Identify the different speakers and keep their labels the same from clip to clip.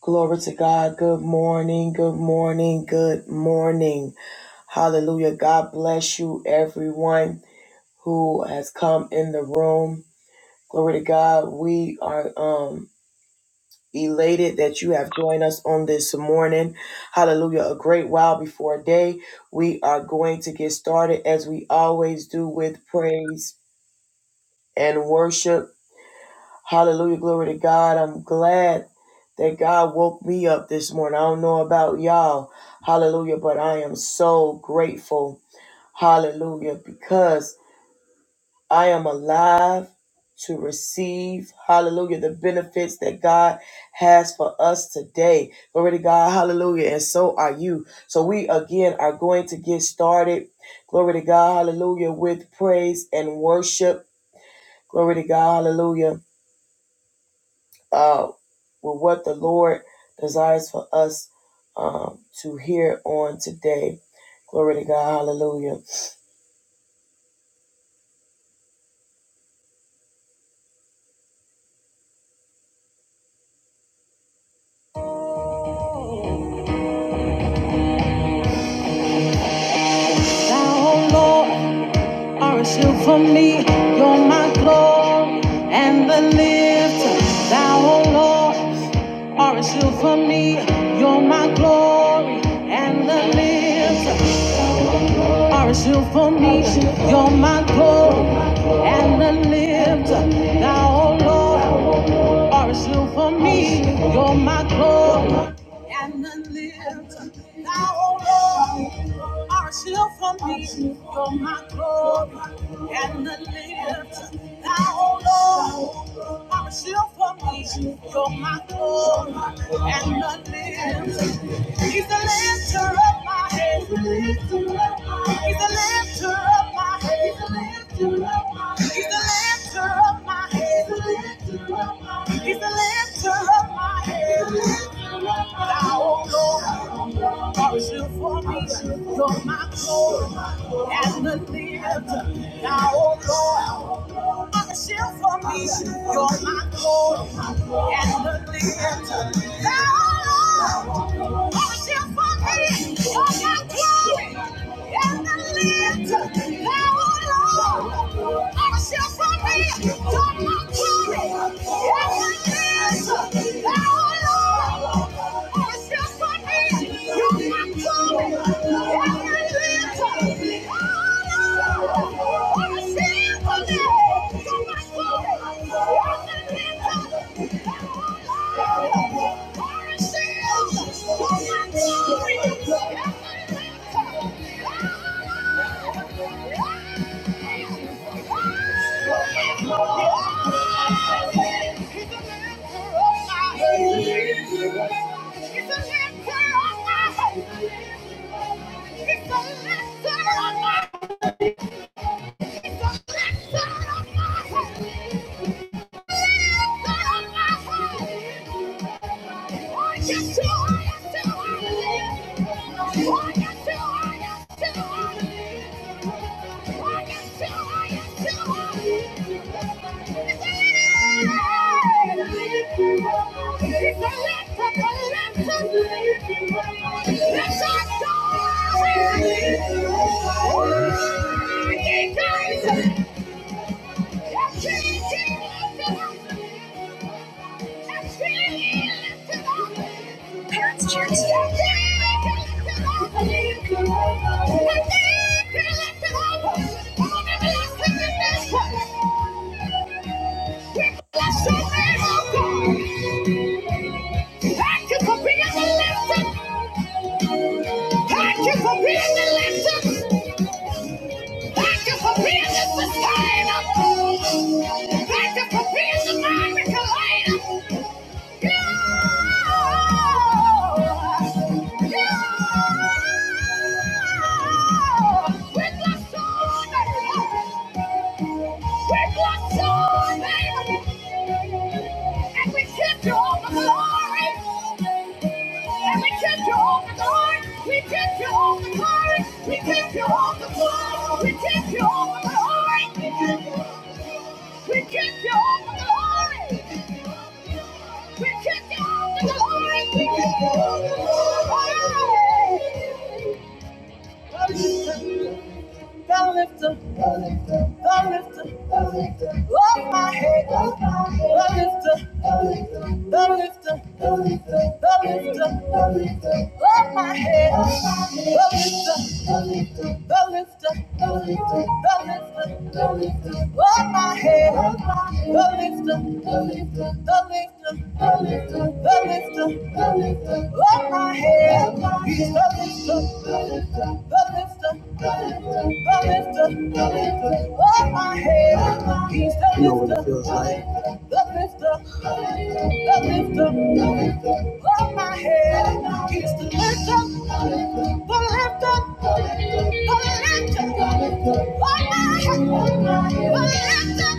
Speaker 1: Glory to God. Good morning. Good morning. Good morning. Hallelujah. God bless you, everyone who has come in the room. Glory to God. We are um elated that you have joined us on this morning. Hallelujah. A great while before day. We are going to get started as we always do with praise and worship. Hallelujah. Glory to God. I'm glad that God woke me up this morning. I don't know about y'all. Hallelujah. But I am so grateful. Hallelujah. Because I am alive to receive. Hallelujah. The benefits that God has for us today. Glory to God. Hallelujah. And so are you. So we again are going to get started. Glory to God. Hallelujah. With praise and worship. Glory to God. Hallelujah. uh, with what the Lord desires for us um, to hear on today. Glory to God. Hallelujah. Thou, O Lord, are a for me. You're my glory and the lifter. Thou, O Lord, are a for me. You're my glory and the lifter. Are a for me. You're my glory and the lifter. Thou, O Lord. are still for me. You're my glory and the lift. Thou, O Lord, are still for me. You're my glory and the lift. Thou, O Lord, are still for me. You're my glory and the lift. He's the lifter of my head. He's the lifter of my head. He's the lifter of my head. He's the lifter of my head. He's the lifter of my head. He's the lifter of my head. He's I won't go. Cause you for me, you're my glory. And the lifter. And I won't go. Cause you for me, you're my glory. And the lifter. thou Oh, it's a letter on my Thank you. Let's go! Parents cheer Thank you for being a lesson. Thank you for being a lesson. Thank you for being the sustainer. Thank you for being the mind regulator. You, you, with your soul, baby. With your soul, baby. And we give all the glory. And we kept you on the guard. We kept you on the guard. We kept you on the guard. We kept you on the guard. We kept you on the guard. We kept you on the guard. We kept you on the guard the lifter, the lifter, the lifter, the lifter of my head, of my head, the lifter, the lifter, the lifter, the lifter, the lifter, the lifter of my head, the lifter, the lifter, the lifter, the lifter, the lifter, the lifter of my head, of the lifter, the lifter, the lifter, the lifter, the lifter, the lifter of my head, of my the lifter, the lifter, the lifter. You know what it feels like the lifter, the lifter the lifter of my head. He's the lifter, the lifter, the lifter of my head.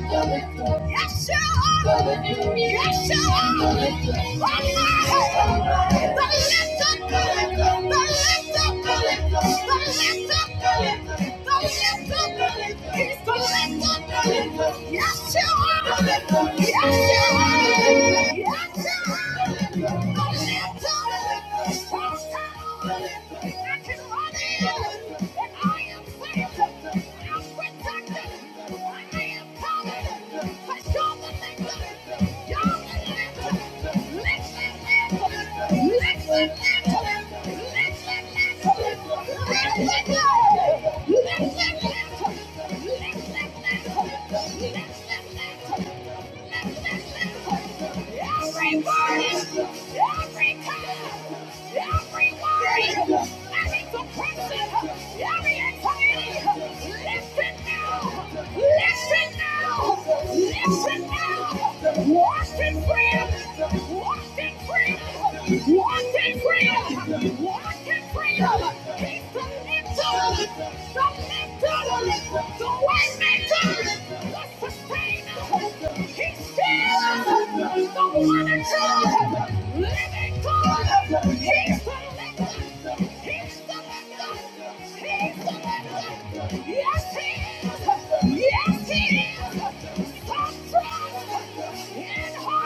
Speaker 1: The lifter, yes you are, yes you are. Of my head, the lifter, the lifter, the lifter, the lifter. the lifter. He's Listen, listen, listen. Every burden, every time, every worry, every depression, every anxiety, listen now, listen now, listen now. Washed in prayer, washed in prayer, washed can free us. What can free us? He's the to us. Submit to us. The way maker. The sustainer. He's still us. The one and true. Living God. He's the lifter. He's the lifter. He's the lifter. Yes, he is. Yes, he is. Stop trying. In we're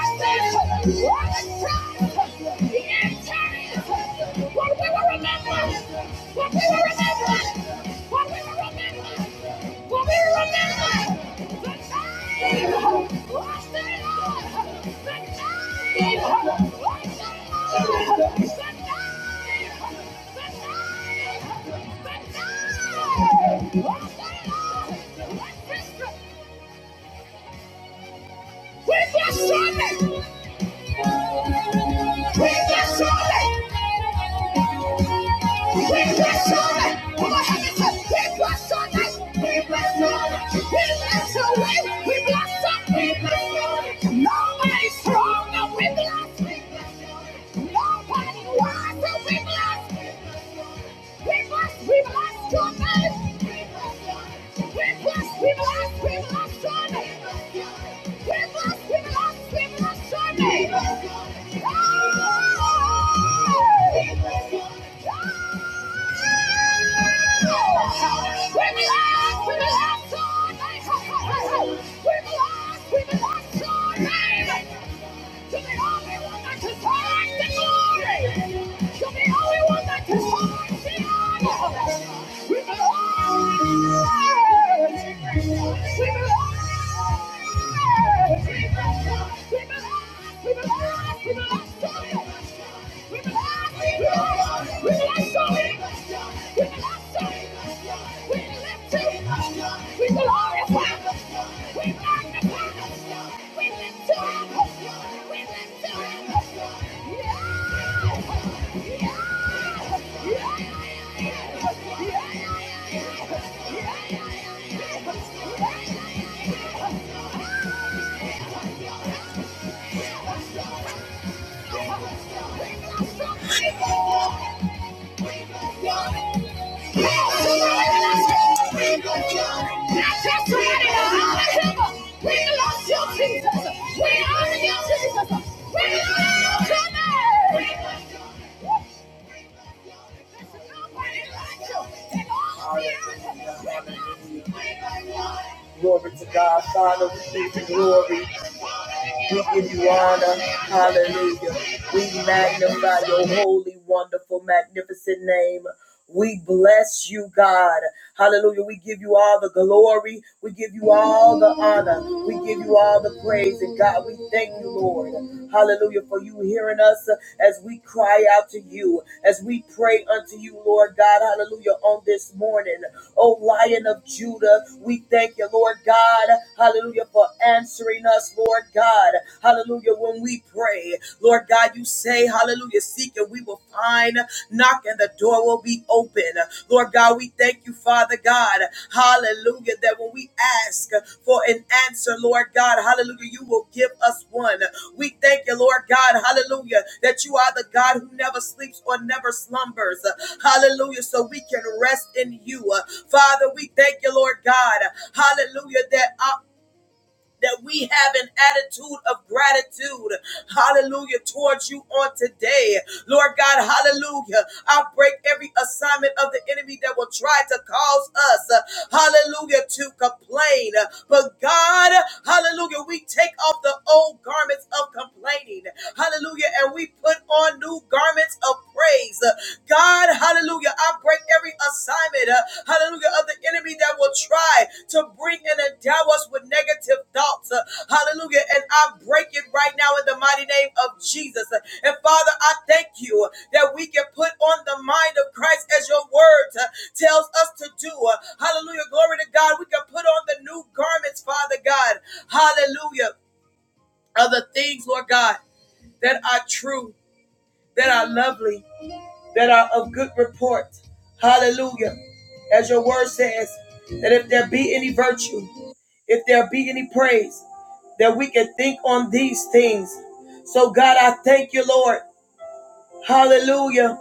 Speaker 1: just trying Nobody strong, we bless. Nobody wise, we bless. We must, we must your name. We must, we must, we must your name. We must, we must, we must your name. You're the only one that deserves the glory. You're the only one that deserves the honor. We belong. We belong. We belong. We belong. We belong. We belong. We belong. Yeah! Glory to God, Father, we give you glory. We give you honor. Hallelujah. We magnify your holy, wonderful, magnificent name. We bless you, God. Hallelujah. We give you all the glory. We give you all the honor. We give you all the praise. And God, we thank you, Lord. Hallelujah. For you hearing us as we cry out to you, as we pray unto you, Lord God. Hallelujah. On this morning, O Lion of Judah, we thank you, Lord God. Hallelujah. For answering us, Lord God. Hallelujah. When we pray, Lord God, you say, Hallelujah, seek and we will find, knock and the door will be open. Lord God, we thank you, Father God. Hallelujah, that when we ask for an answer, Lord God, Hallelujah, you will give us one. We thank you, Lord God, Hallelujah, that you are the God who never sleeps or never slumbers. Hallelujah, so we can rest in you. Father, we thank you, Lord God, Hallelujah, that our that we have an attitude of gratitude, hallelujah, towards you on today. Lord God, hallelujah. I break every assignment of the enemy that will try to cause us, uh, hallelujah, to complain. But God, hallelujah, we take off the old garments of complaining, hallelujah, and we put on new garments of praise. God, hallelujah, Hallelujah. I break every assignment, uh, hallelujah, of the enemy that will try to bring and endow us with negative thoughts. uh, hallelujah. And I break it right now in the mighty name of Jesus. Uh, And Father, I thank you that we can put on the mind of Christ as your word uh, tells us to do. Uh, hallelujah. Glory to God. We can put on the new garments, Father God. Hallelujah. Of the things, Lord God, that are true, that are lovely that are of good report. Hallelujah. As your word says, that if there be any virtue, if there be any praise, that we can think on these things. So, God, I thank you, Lord. Hallelujah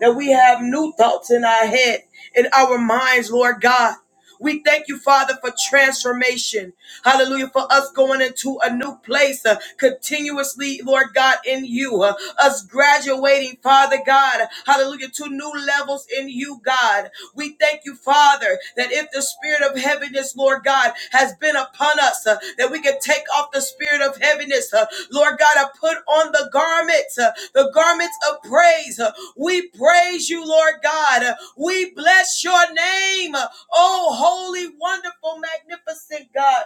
Speaker 1: that we have new thoughts in our head, in our minds, Lord God. We thank you, Father, for transformation. Hallelujah. For us going into a new place uh, continuously, Lord God, in you. Uh, us graduating, Father God. Hallelujah. To new levels in you, God. We thank you, Father, that if the spirit of heaviness, Lord God, has been upon us, uh, that we can take off the spirit of heaviness. uh, Lord God, I put on the garments, uh, the garments of praise. uh, we praise you, Lord God. We bless your name. Oh, holy, wonderful, magnificent God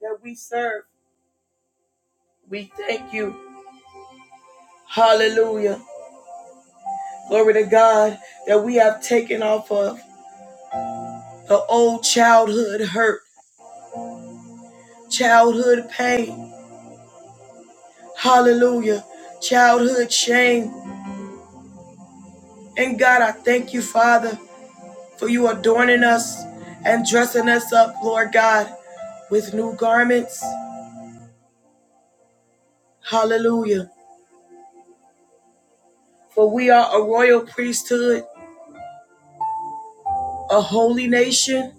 Speaker 1: that we serve. We thank you. Hallelujah. Glory to God that we have taken off of the old childhood hurt, childhood pain. Hallelujah. Childhood shame. And God, I thank you, Father, for you adorning us and dressing us up, Lord God, with new garments. Hallelujah. For we are a royal priesthood, a holy nation,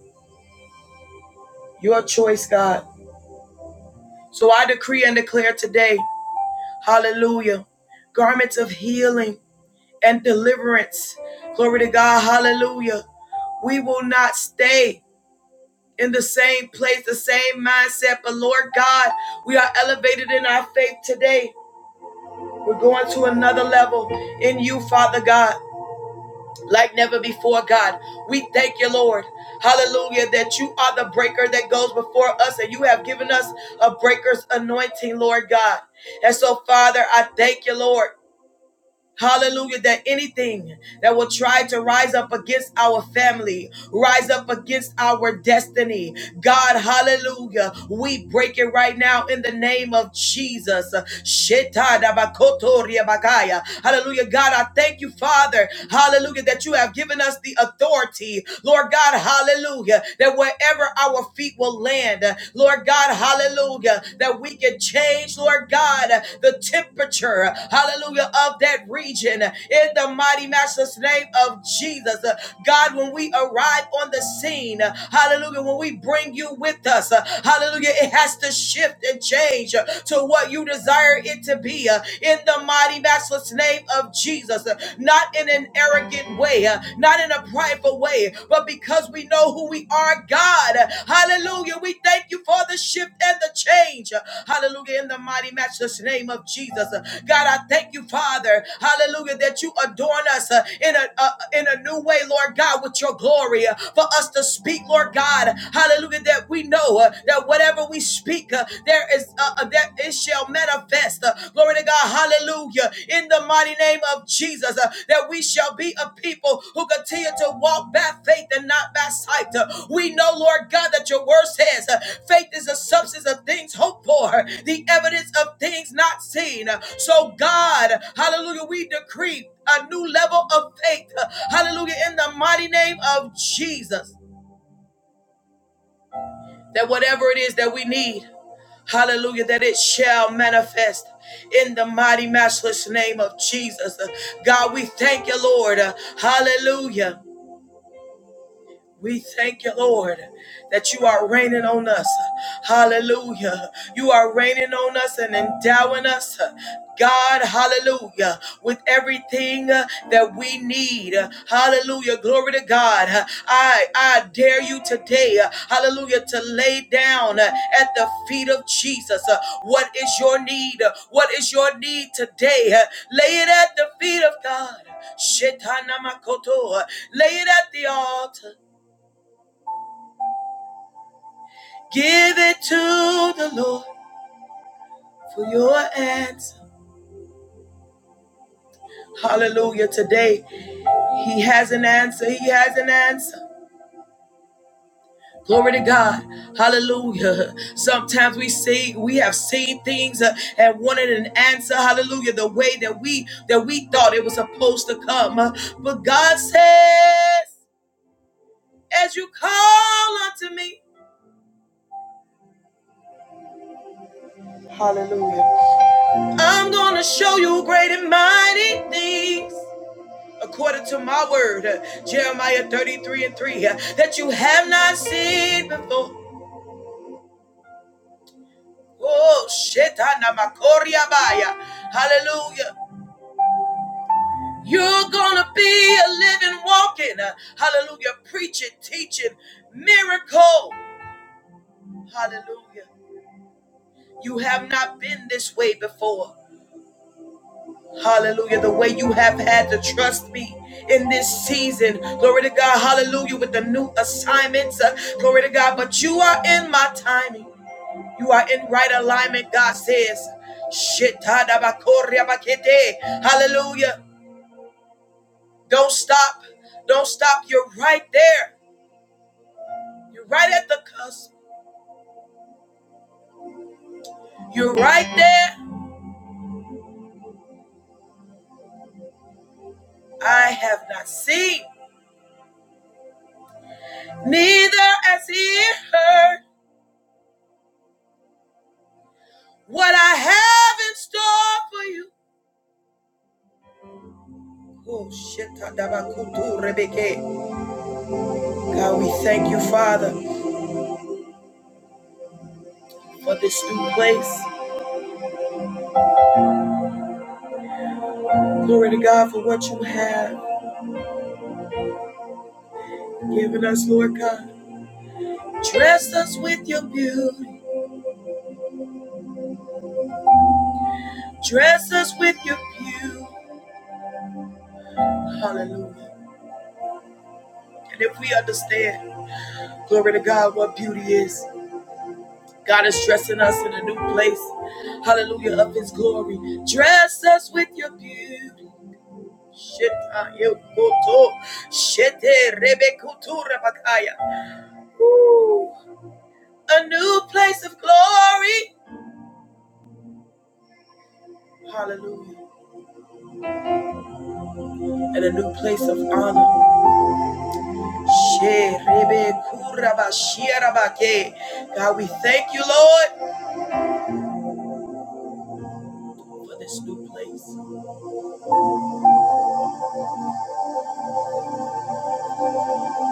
Speaker 1: your choice, God. So I decree and declare today, hallelujah, garments of healing and deliverance. Glory to God, hallelujah. We will not stay in the same place, the same mindset, but Lord God, we are elevated in our faith today. We're going to another level in you, Father God. like never before, God. We thank you, Lord. Hallelujah, that you are the breaker that goes before us and you have given us a breaker's anointing, Lord God. And so, Father, I thank you, Lord. Hallelujah. That anything that will try to rise up against our family, rise up against our destiny, God, hallelujah. We break it right now in the name of Jesus. Shetadabakotoriabakaya. Hallelujah. God, I thank you, Father. Hallelujah. That you have given us the authority, Lord God, hallelujah. That wherever our feet will land, Lord. Lord God, hallelujah, that we can change, Lord God, the temperature, hallelujah, of that region in the mighty master's name of Jesus. God, when we arrive on the scene, hallelujah, when we bring you with us, hallelujah, it has to shift and change to what you desire it to be in the mighty master's name of Jesus, not in an arrogant way, way, uh, not in a prideful way, but because we know who we are, God. Hallelujah. We thank you for the shift and the change. Hallelujah. In the mighty, matchless name of Jesus. God, I thank you, Father. Hallelujah, that you adorn us uh, in a uh, in a new way, Lord God, with your glory uh, for us to speak, Lord God. Hallelujah, that we know uh, that whatever we speak, uh, there is uh, uh, that it shall manifest. Uh, Glory to God. Hallelujah. In the mighty name of Jesus, uh, that we shall be a people who continue to walk by faith and not by sight. Uh, We know, Lord God, that your word says uh, faith is the substance of things hoped for, the evidence of things not seen. Uh, So, God, hallelujah, we decree a new level of faith. Uh, Hallelujah. In the mighty name of Jesus, that whatever it is that we need. Hallelujah, that it shall manifest in the mighty, matchless name of Jesus. Uh, God, we thank you, Lord. Uh, Hallelujah. We thank you, Lord, that you are raining on us. Hallelujah. You are raining on us and endowing us. God, hallelujah, with everything uh, that we need. Uh, Hallelujah. Glory to God. Uh, I, I dare you today, uh, hallelujah, to lay down uh, at the feet of Jesus. Uh, What is your need? Uh, What is your need today? Uh, Lay it at the feet of God. Shetana makoto. Uh, Lay it at the altar. Give it to the Lord for your answer. Hallelujah. Today, He has an answer. He has an answer. Glory to God. Hallelujah. Sometimes we see we have seen things uh, and wanted an answer. Hallelujah. The way that we that we thought it was supposed to come. uh, but God says, as you call unto me, hallelujah. I'm gonna show you great and mighty things. according to my word, uh, Jeremiah 33 and 3, uh, that you have not seen before. Oh, shit, I know my Koryabaya. hallelujah. You're gonna be a living, walking, uh, hallelujah, preaching, teaching, miracle, hallelujah. You have not been this way before. Hallelujah. The way you have had to trust me in this season. Glory to God. Hallelujah. With the new assignments. uh, glory to God. But you are in my timing. You are in right alignment, God says. Shitadabakoryabakete. Hallelujah. Don't stop. Don't stop. You're right there. You're right at the cusp. You're right there. I have not seen, neither has he heard what I have in store for you. Oh, shitadabakuturebeke. God, we thank you, Father, for this new place. Glory to God for what you have given us, Lord God. Dress us with your beauty. Dress us with your beauty. Hallelujah. And if we understand, glory to God, what beauty is, God is dressing us in a new place. Hallelujah, of His glory. Dress us with your beauty. Sheta yokoto. Shete rebekutu rabakaya. Ooh, A new place of glory. Hallelujah. And a new place of honor. God, we thank you, Lord, for this new place.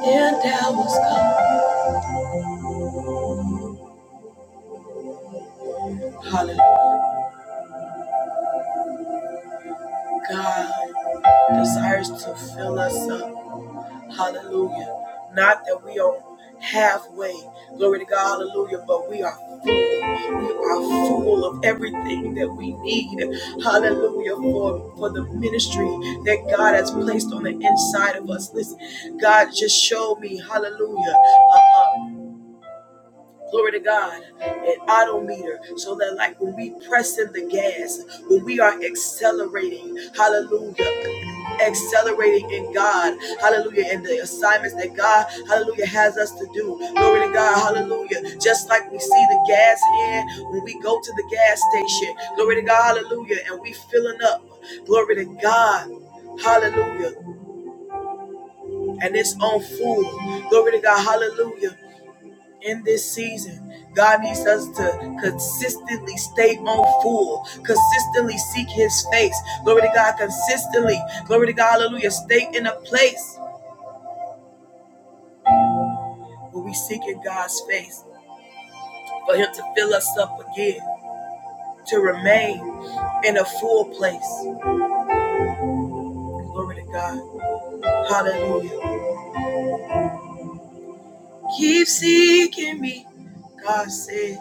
Speaker 1: And thou was come. Hallelujah. God desires to fill us up. Hallelujah. Not that we are halfway. Glory to God. Hallelujah. But we are we are full of everything that we need. Hallelujah. For, for the ministry that God has placed on the inside of us. Listen, God just showed me, hallelujah. Glory to God, an odometer, so that like when we press in the gas, when we are accelerating, hallelujah, accelerating in God, hallelujah, in the assignments that God, hallelujah, has us to do. Glory to God, hallelujah. Just like we see the gas here, when we go to the gas station, glory to God, hallelujah, and we filling up, glory to God, hallelujah, and it's on full, glory to God, hallelujah in this season. God needs us to consistently stay on full, consistently seek his face. Glory to God, consistently. Glory to God, hallelujah. Stay in a place where we seek in God's face for him to fill us up again, to remain in a full place. Glory to God, hallelujah. Keep seeking me, God says,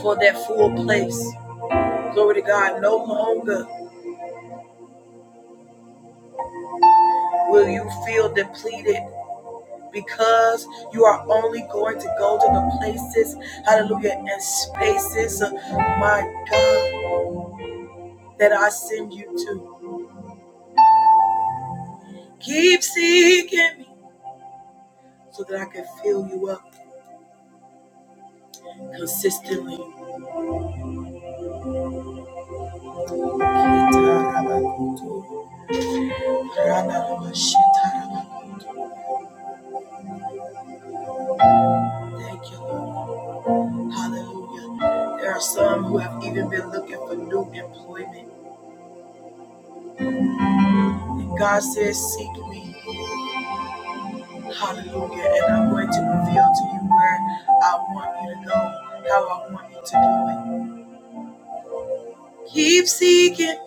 Speaker 1: for that full place. Glory to God, no longer will you feel depleted because you are only going to go to the places, hallelujah, and spaces, uh, my God, that I send you to. Keep seeking me so that I can fill you up consistently. Thank you, Lord. Hallelujah. There are some who have even been looking for new employment. And God says, Seek me Hallelujah. And I'm going to reveal to you where I want you to go, how I want you to do it. Keep seeking.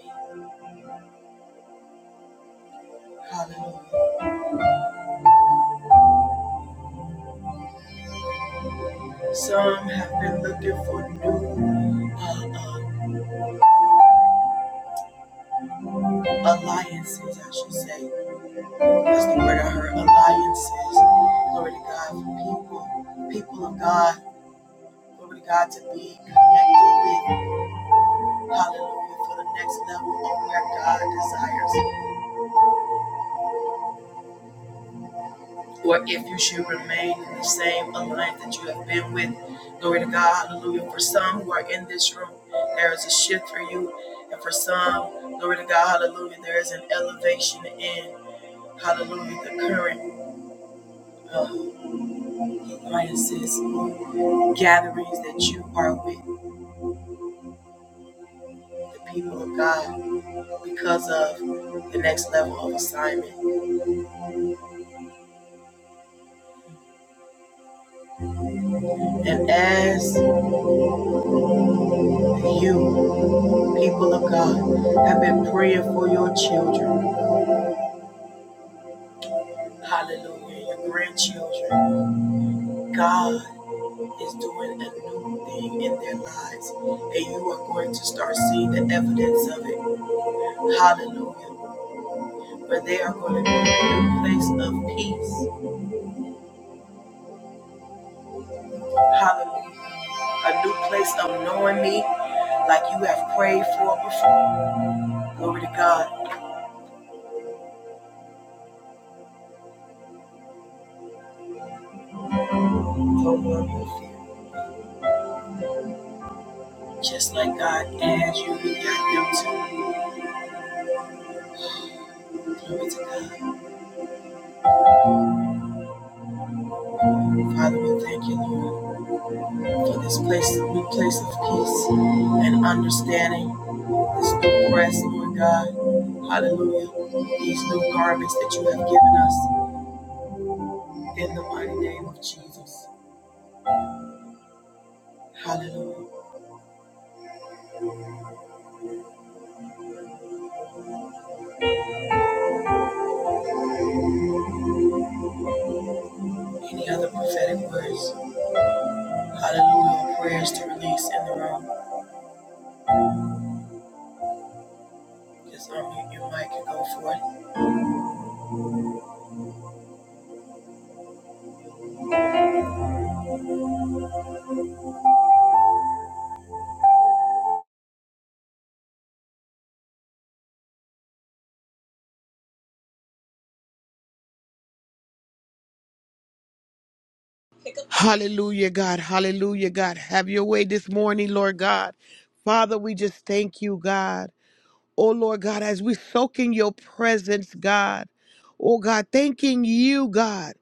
Speaker 1: Hallelujah. Some have been looking for new uh, uh, alliances, I should say. That's the word I heard. Alliances. Glory to God for people, people of God. Glory to God to be connected with. Hallelujah for the next level of where God desires. Or if you should remain in the same alliance that you have been with. glory. There is a shift for you and for now, Lord, again, hallelujah, the current that you are with the people of God because of the next level of assignment. And as you, people of God, have been praying for your children, hallelujah, your grandchildren, God is doing it. I mean, oh God, Father, we thank you, Lord, for this place, new place of peace and understanding, this new rest, Lord God. Hallelujah. These new garments that you have given us in the mighty name of Jesus. Hallelujah. Any other prophetic words? Hallelujah. Prayers to release in the room. Just unmute your mic.
Speaker 2: Hallelujah, God. Hallelujah, God. Have your way this morning, Lord God. Father, we just thank you, God. Oh Lord God, as we soak in your presence, God. Oh God, thanking you, God,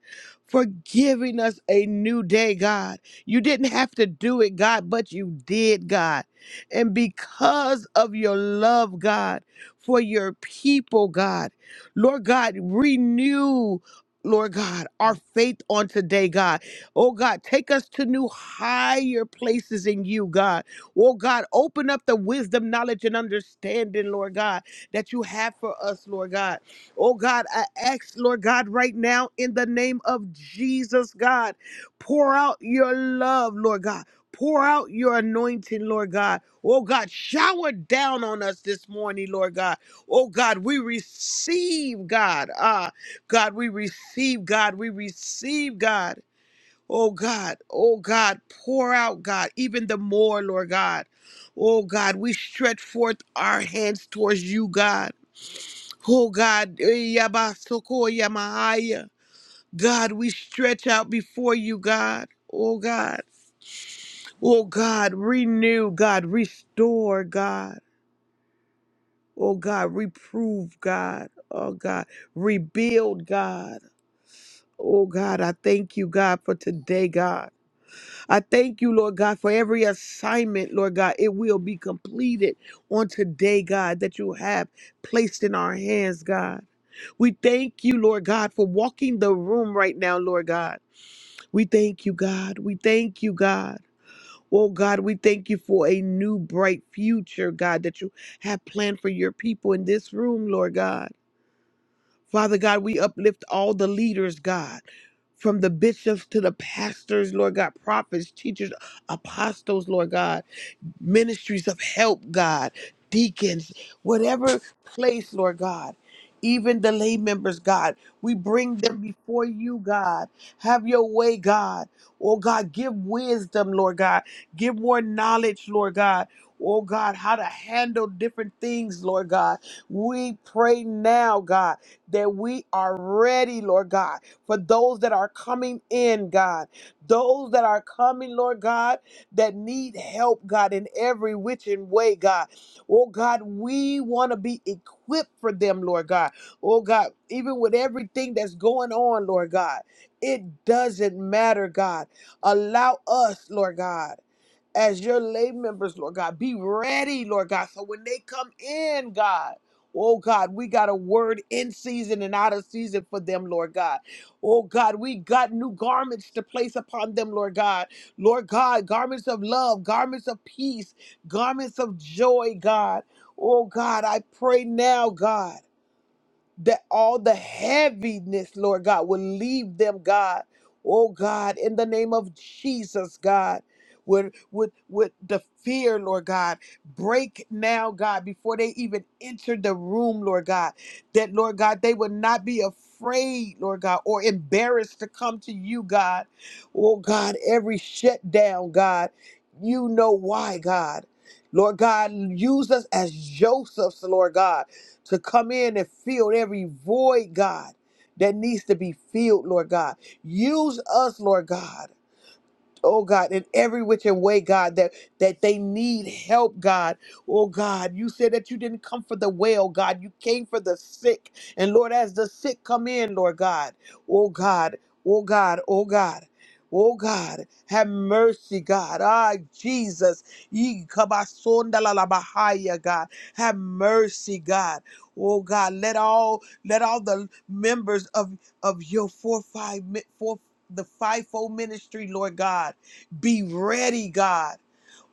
Speaker 2: for giving us a new day, God. You didn't have to do it, God, but you did, God. And because of your love, God, for your people, God, Lord God, renew. Lord God, our faith on today, God. Oh God, take us to new higher places in you, God. Oh God, open up the wisdom, knowledge, and understanding, Lord God, that you have for us, Lord God. Oh God, I ask, Lord God, right now in the name of Jesus, God, pour out your love, Lord God. Pour out your anointing, Lord God. Oh God, shower down on us this morning, Lord God. Oh God, we receive, God. Ah, God, we receive, God. We receive, God. Oh God, oh God, pour out, God, even the more, Lord God. Oh God, we stretch forth our hands towards you, God. Oh God, eh, yabasoko yamahaya. God, we stretch out before you, God. Oh God, oh God, renew, God, restore, God. Oh God, reprove, God. Oh God, rebuild, God. Oh God, I thank you, God, for today, God. I thank you, Lord God, for every assignment, Lord God. It will be completed on today, God, that you have placed in our hands, God. We thank you, Lord God, for walking the room right now, Lord God. We thank you, God. We thank you, God. Oh, God, we thank you for a new bright future, God, that you have planned for your people in this room, Lord God. Father God, we uplift all the leaders, God, from the bishops to the pastors, Lord God, prophets, teachers, apostles, Lord God ministries of help, God, deacons, whatever place, Lord God. Even the lay members, God, we bring them before you, God. Have your way, God. Oh, God, give wisdom, Lord God. Give more knowledge, Lord God. Oh, God, how to handle different things, Lord God. We pray now, God, that we are ready, Lord God, for those that are coming in, God. Those that are coming, Lord God that need help, God, in every which and way, God. Oh, God, we want to be equipped for them, Lord God. Oh, God, even with everything that's going on, Lord God, it doesn't matter, God. Allow us, Lord God as your lay members, Lord God. Be ready, Lord God. So when they come in, God, oh God, we got a word in season and out of season for them, Lord God. Oh God, we got new garments to place upon them, Lord God. Lord God, garments of love, garments of peace, garments of joy, God. Oh God, I pray now, God that all the heaviness, Lord God, will leave them, God. Oh God, in the name of Jesus, God. Would, would, would the fear, Lord God, break now, God, before they even enter the room, Lord God, that, Lord God, they would not be afraid, Lord God, or embarrassed to come to you, God. Oh, God, every shutdown, God, you know why, God. Lord God, use us as Joseph's, Lord God to come in and fill every void, God, that needs to be filled, Lord God. Use us, Lord God oh God, in every which and way, God, that that they need help, God. Oh God, you said that you didn't come for the well, God. You came for the sick. And Lord, as the sick come in, Lord God, oh God, oh God, oh God. Oh God, have mercy, God. Ah, Jesus. Yee kabasonda la la bahaya, God. Have mercy, God. Oh God, let all let all the members of of your four five mi- four the fivefold ministry, Lord God. Be ready, God.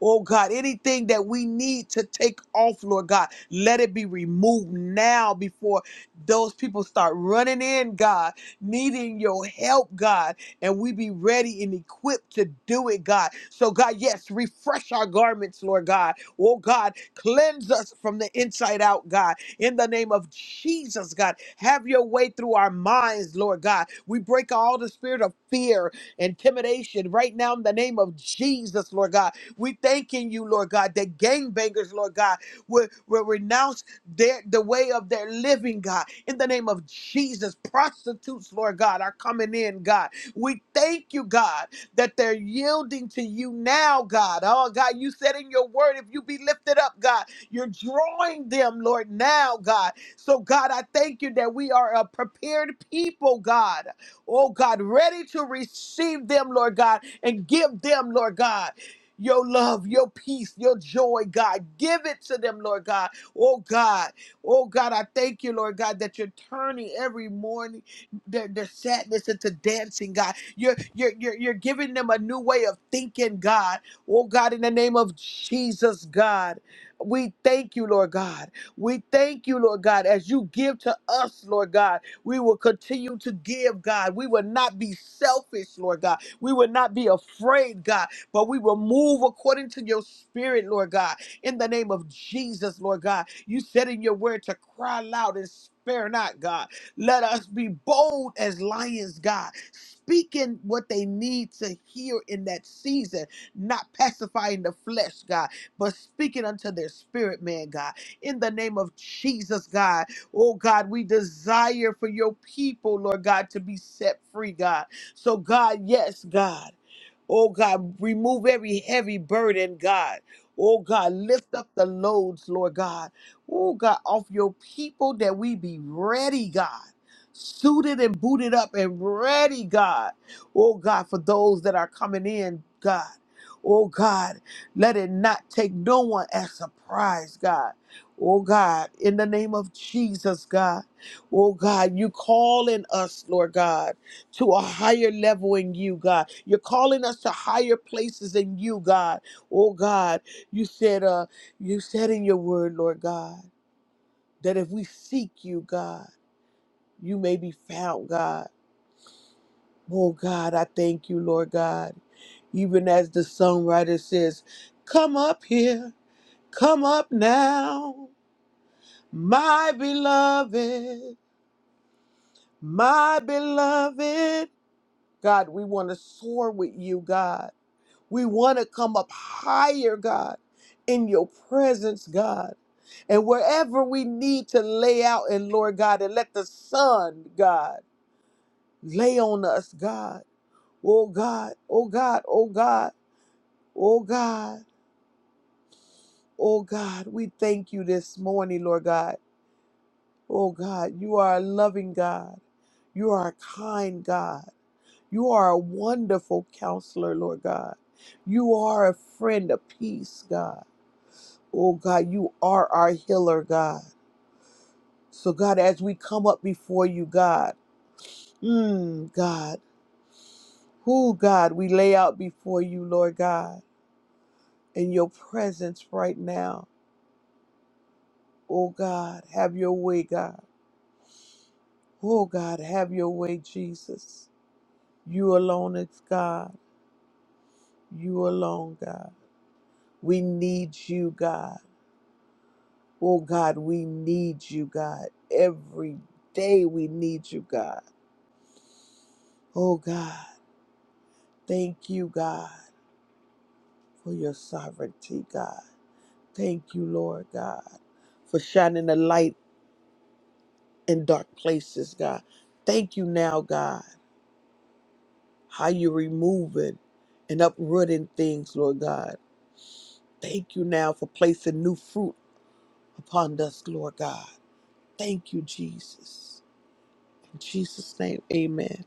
Speaker 2: Oh God, anything that we need to take off, Lord God, let it be removed now before those people start running in, God, needing your help, God, and we be ready and equipped to do it, God. So, God, yes, refresh our garments, Lord God. Oh God, cleanse us from the inside out, God. In the name of Jesus, God, have your way through our minds, Lord God. We break all the spirit of fear intimidation right now in the name of Jesus, Lord God. We thanking you, Lord God, that gangbangers, Lord God, will, will renounce their the way of their living, God. In the name of Jesus, prostitutes, Lord God, are coming in, God. We thank you, God, that they're yielding to you now, God. Oh, God, you said in your word, if you be lifted up, God, you're drawing them, Lord, now, God. So, God, I thank you that we are a prepared people, God oh God, ready to receive them, Lord God, and give them, Lord God. Your love, your peace, your joy, God. Give it to them, Lord God. Oh God. Oh God, I thank you, Lord God, that you're turning every morning their, their sadness into dancing, God. You're, you're you're you're giving them a new way of thinking, God. Oh God, in the name of Jesus, God. We thank you, Lord God. We thank you, Lord God, as you give to us, Lord God. We will continue to give, God. We will not be selfish, Lord God. We will not be afraid, God, but we will move according to your spirit, Lord God. In the name of Jesus, Lord God, you said in your word to cry loud and spare not, God. Let us be bold as lions, God, speaking what they need to hear in that season, not pacifying the flesh, God, but speaking unto their spirit, man, God. In the name of Jesus, God. Oh God, we desire for your people, Lord God, to be set free, God. So, God, yes, God. Oh God, remove every heavy burden, God. Oh God, lift up the loads, Lord God. Oh God, off your people that we be ready, God. Suited and booted up and ready, God. Oh God, for those that are coming in, God. Oh God, let it not take no one as surprise, God. Oh God, in the name of Jesus, God. Oh God, you calling us, Lord God, to a higher level in you, God. You're calling us to higher places in you, God. Oh God, you said uh you said in your word, Lord God, that if we seek you, God, you may be found, God. Oh God, I thank you, Lord God. Even as the songwriter says, come up here, come up now, my beloved. My beloved, God, we want to soar with you, God. We want to come up higher, God, in your presence, God. And wherever we need to lay out, and Lord God, and let the sun, God, lay on us, God. Oh God, oh God, oh God, oh God, oh God, we thank you this morning, Lord God. Oh God, you are a loving God. You are a kind God. You are a wonderful counselor, Lord God. You are a friend of peace, God. Oh, God, you are our healer, God. So, God, as we come up before you, God, mm, God, who, God, we lay out before you, Lord God, in your presence right now. Oh, God, have your way, God. Oh, God, have your way, Jesus. You alone is God. You alone, God. We need you, God. Oh God, we need you, God. Every day we need you, God. Oh God, thank you, God, for your sovereignty, God. Thank you, Lord God, for shining the light in dark places, God. Thank you now, God, how you're removing and uprooting things, Lord God. Thank you now for placing new fruit upon us, Lord God. Thank you, Jesus. In Jesus' name, amen.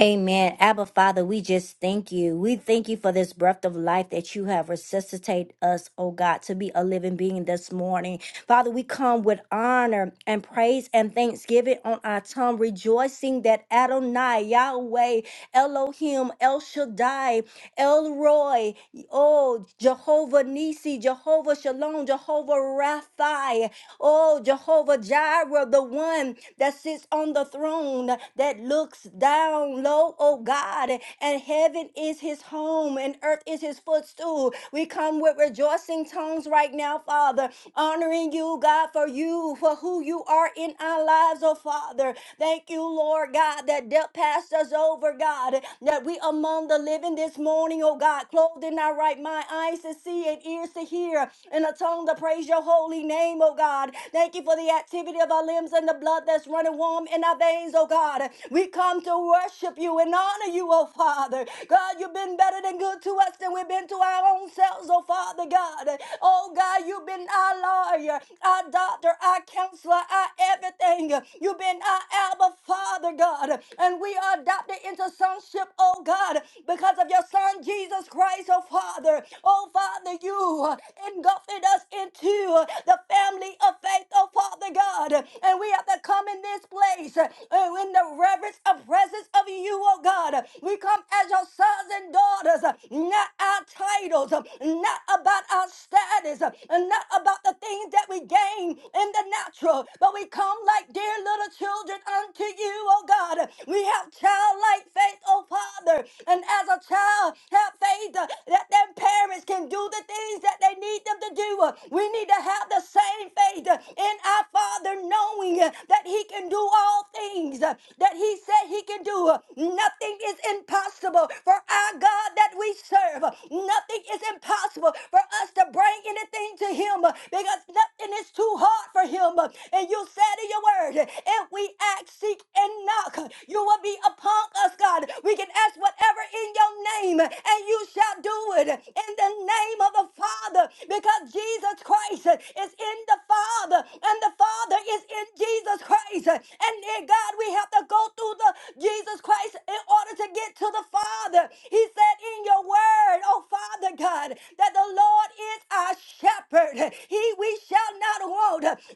Speaker 3: Amen. Abba Father, we just thank you. We thank you for this breath of life that you have resuscitated us, oh God, to be a living being this morning. Father, we come with honor and praise and thanksgiving on our tongue, rejoicing that Adonai, Yahweh, Elohim, El Shaddai, Elroy, oh, Jehovah Nisi, Jehovah Shalom, Jehovah Rapha, oh, Jehovah Jireh, the one that sits on the throne, that looks down low, oh God, and heaven is his home and earth is his footstool. We come with rejoicing tongues right now, Father, honoring you, God, for you, for who you are in our lives, oh Father. Thank you, Lord God, that death passed us over, God, that we among the living this morning, oh God, clothed in our right mind, eyes to see and ears to hear, and a tongue to praise your holy name, oh God. Thank you for the activity of our limbs and the blood that's running warm in our veins, oh God. We come to worship you and honor you, oh Father. Father. God, you've been better than good to us than we've been to our own selves, oh Father God. Oh God, you've been our lawyer, our doctor, our counselor, our everything. You've been our Abba Father, God. And we are adopted into sonship, oh God, because of your Son, Jesus Christ, oh Father. Oh Father, you engulfed us into the family of faith, oh Father God. And we have to come in this place. Uh, Oh, in the reverence and presence of you, oh God. We come as your sons and daughters, uh, not our titles, uh, not about our status, uh, and not about the things that we gain in the natural, but we come like dear little children unto you, oh God. We have childlike faith, oh Father, and as a child, have faith uh, that their parents can do the things that they need them to do. Uh, We need to have the same faith uh, and our Father knowing uh, that He can do all things uh, that He said He can do. Uh, Nothing is impossible for our God that we serve. Uh, Nothing is impossible for us to bring anything to Him uh, because nothing is too hard for Him. Uh, And you said in your word, if we ask, seek, and knock, uh, you will be upon us, God. We can ask whatever in your name, uh, and you shall do it in the name of the Father. Father because Jesus Christ is in the Father and the Father is in Jesus Christ. And dear God, we have to go through the Jesus Christ in order to get to the Father. He said in your word, oh Father God, that the Lord is our shepherd. He we shall not want.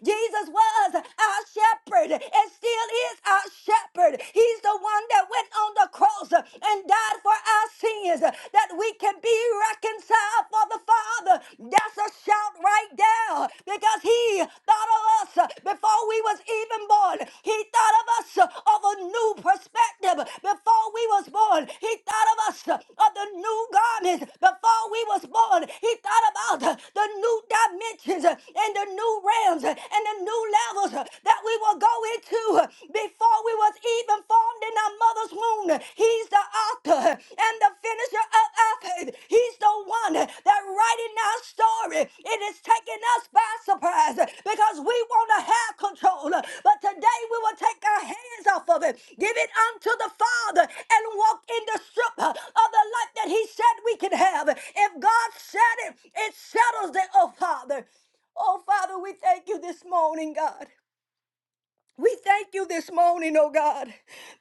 Speaker 3: Jesus was our shepherd and still is our shepherd. He's the one that went on the cross and died for our sins sins, uh, that we can be reconciled for the Father. That's a shout right there because He thought of us uh, before we was even born. He thought of us uh, of a new perspective before we was born. He thought of us uh, of the new garments before we was born. He thought about uh, the new dimensions uh, and the new realms uh, and the new levels uh, that we will go into uh, before we was even formed in our mother's womb. He's the author and the finisher of our faith. He's the one that writing our story. It is taking us by surprise because we want to have control. But today we will take our hands off of it, give it unto the Father, and walk in the strip of the life that He said we can have. If God said it, it settles it, oh Father. Oh Father, we thank you this morning, God. We thank you this morning, oh God.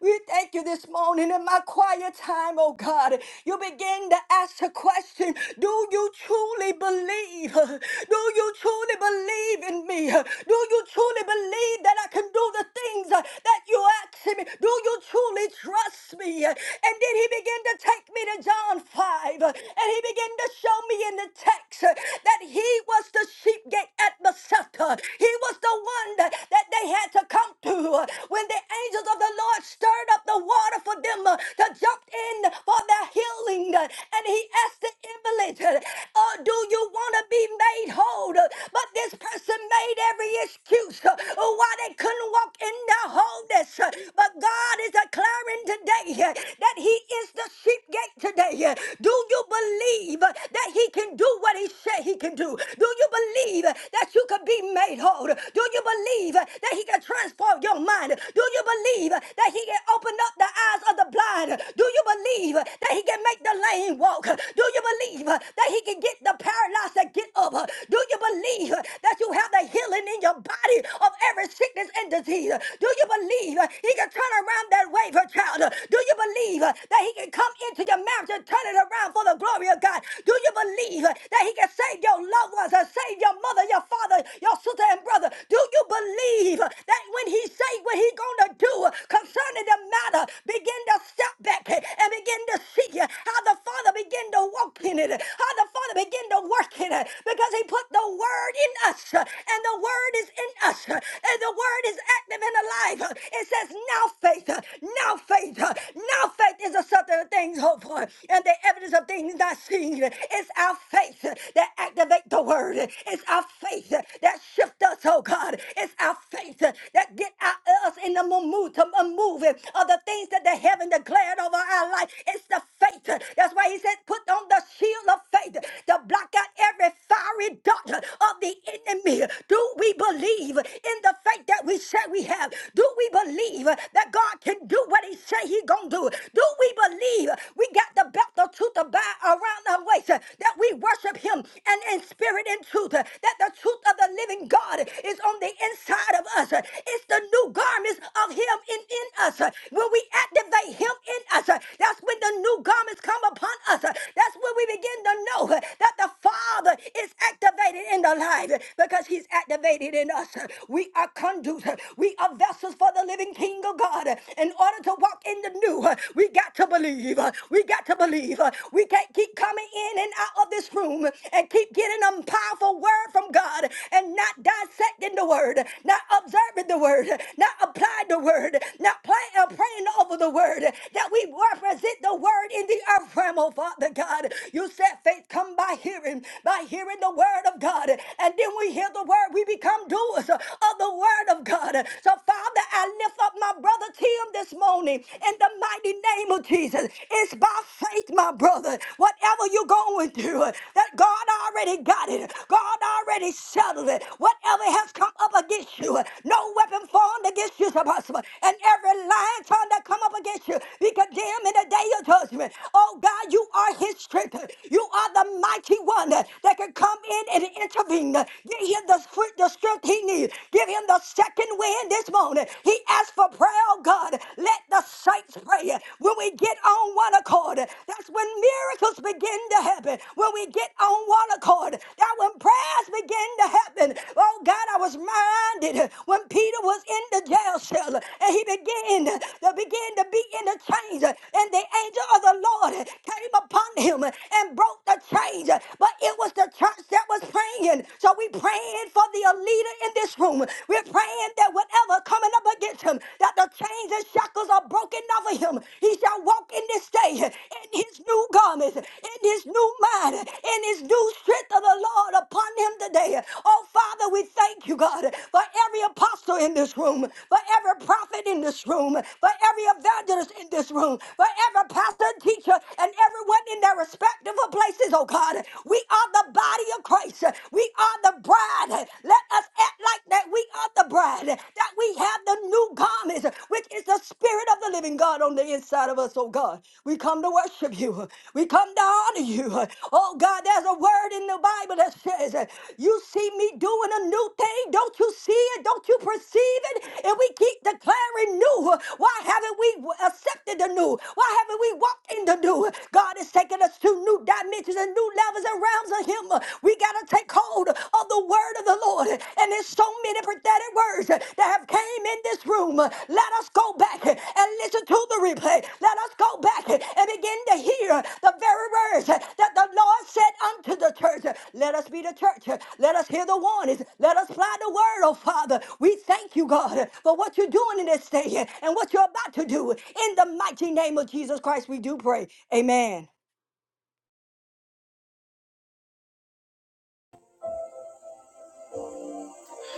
Speaker 3: We thank you this morning in my quiet time, oh God. You begin to ask the question Do you truly believe? Do you truly believe in me? Do you truly believe that I can do the things uh, that you asked me? Do you truly trust me? And then he began to take me to John 5, uh, and he began to show me in the text uh, that he was the sheep gate at Bethesda. He was the one that, that they had to come to uh, when the angels of the Lord stirred up the water for them uh, to jump in for their healing. uh, And he asked the invalid, uh, uh, Do you want to be made whole? Uh, But this person made every excuse uh, why they couldn't walk in their wholeness. Uh, But God is declaring today uh, that he is the sheep gate today. Uh, Do you believe uh, that he can do what he said he can do? Do you believe? believe that you could be made whole? Do you believe that He can transform your mind? Do you believe that He can open up the eyes of the blind? Do you believe that He can make the lame walk? Do you believe that He can get the paralyzed to get up? Do you believe that you have the healing in your body of every sickness and disease? Do you believe He can turn around that wafer child? Do you believe that He can come into your marriage and turn it around for the glory of God? Do you believe? that? that he can save your loved ones and save your mother, your father, your sister and brother? Do you believe that when he say what he gonna do concerning the matter, begin to step back and begin to see how the Father begin to walk in it, how the Father begin to work in it, because he put the word in us, and the word is in us, and the word is active and alive. It says now faith, now faith, now faith is the substance of things hoped for, and the evidence of things not seen. It's our faith that activate the word. It's our faith that shift us, oh God. It's our faith that get our- us in the momentum of moving of the things that the heaven declared over our life. It's the faith. That's why he said, put on the shield of faith to block out every fiery dart of the enemy. Do we believe in the faith that we say we have? Do we believe that God can do what he say he gonna do? Do we believe uh, We got the belt of truth to bind around our waist, uh, that we worship Him and in spirit and truth, uh, that the truth of the living God is on the inside of us. Uh, It's the new garments of Him in, in us. Uh, When we activate Him in us, uh, that's when the new garments come upon us. Uh, That's when we begin to know uh, that the Father is activated in the life uh, because He's activated in us. Uh, We are conduits, uh, we are vessels for the living living King of God. In order to walk in the new, uh, we got to believe. uh, We got to believe. uh, We can't keep coming in and out of this room and keep getting a powerful word from God and not dissecting the word, not observing the word, not applying the word, not play, uh, praying over the word, that we represent the word in the earth realm, oh Father God. You said faith come by hearing, by hearing the word of God. And then we hear the word, we become doers of the word of God. God. So, Father, I lift up my brother Tim this morning in the mighty name of Jesus. It's by faith, my brother. Whatever you're going through, that God already got it. God already settled it. Whatever has come up against you, no weapon formed against you is possible. And every lion trying to come up against you, be condemned in the day of judgment. Oh God, you are his strength. You are the mighty one that can come in and intervene. Give him the, strength- the strength strength he needs. Give him the second wind this morning. He asked for prayer, oh God. Let the saints pray. When we get on one accord, that's when miracles begin to happen. When we get on one accord, that when prayers begin to happen. Oh God, I was minded when Peter was in the jail cell and he began to begin to be in the chains. And the angel of the Lord came upon him and broke the chains. But it was the church that was praying. So so we praying for the leader in this room. We're praying that whatever coming up against him, that the chains and shackles are broken off of him. He shall walk in this day in his new garments, in his new mind, in his new strength of the Lord upon him today. Oh, Father, we thank you, God, for every apostle in this room, for every prophet in this room, for every evangelist in this room, for every pastor, teacher, and everyone in their respective places, oh God. We are the body body of Christ. We are the bride. Let us act like that we are the bride, that we have the new garments, which is the spirit of the living God on the inside of us, oh God. We come to worship you. We come to honor you. Oh God, there's a word in the Bible that says, You see me doing a new thing. Don't you see it? Don't you perceive it? And we keep declaring new. Why haven't we accepted the new? Why haven't we walked in the new? God is taking us to new dimensions the new levels and realms of him. We got to take hold of the word of the Lord. And there's so many prophetic words that have came in this room. Let us go back and listen to the replay. Let us go back and begin to hear the very words that the Lord said unto the church. Let us be the church. Let us hear the warnings. Let us fly the word, oh Father. We thank you, God, for what you're doing in this day and what you're about to do. In the mighty name of Jesus Christ, we do pray. Amen.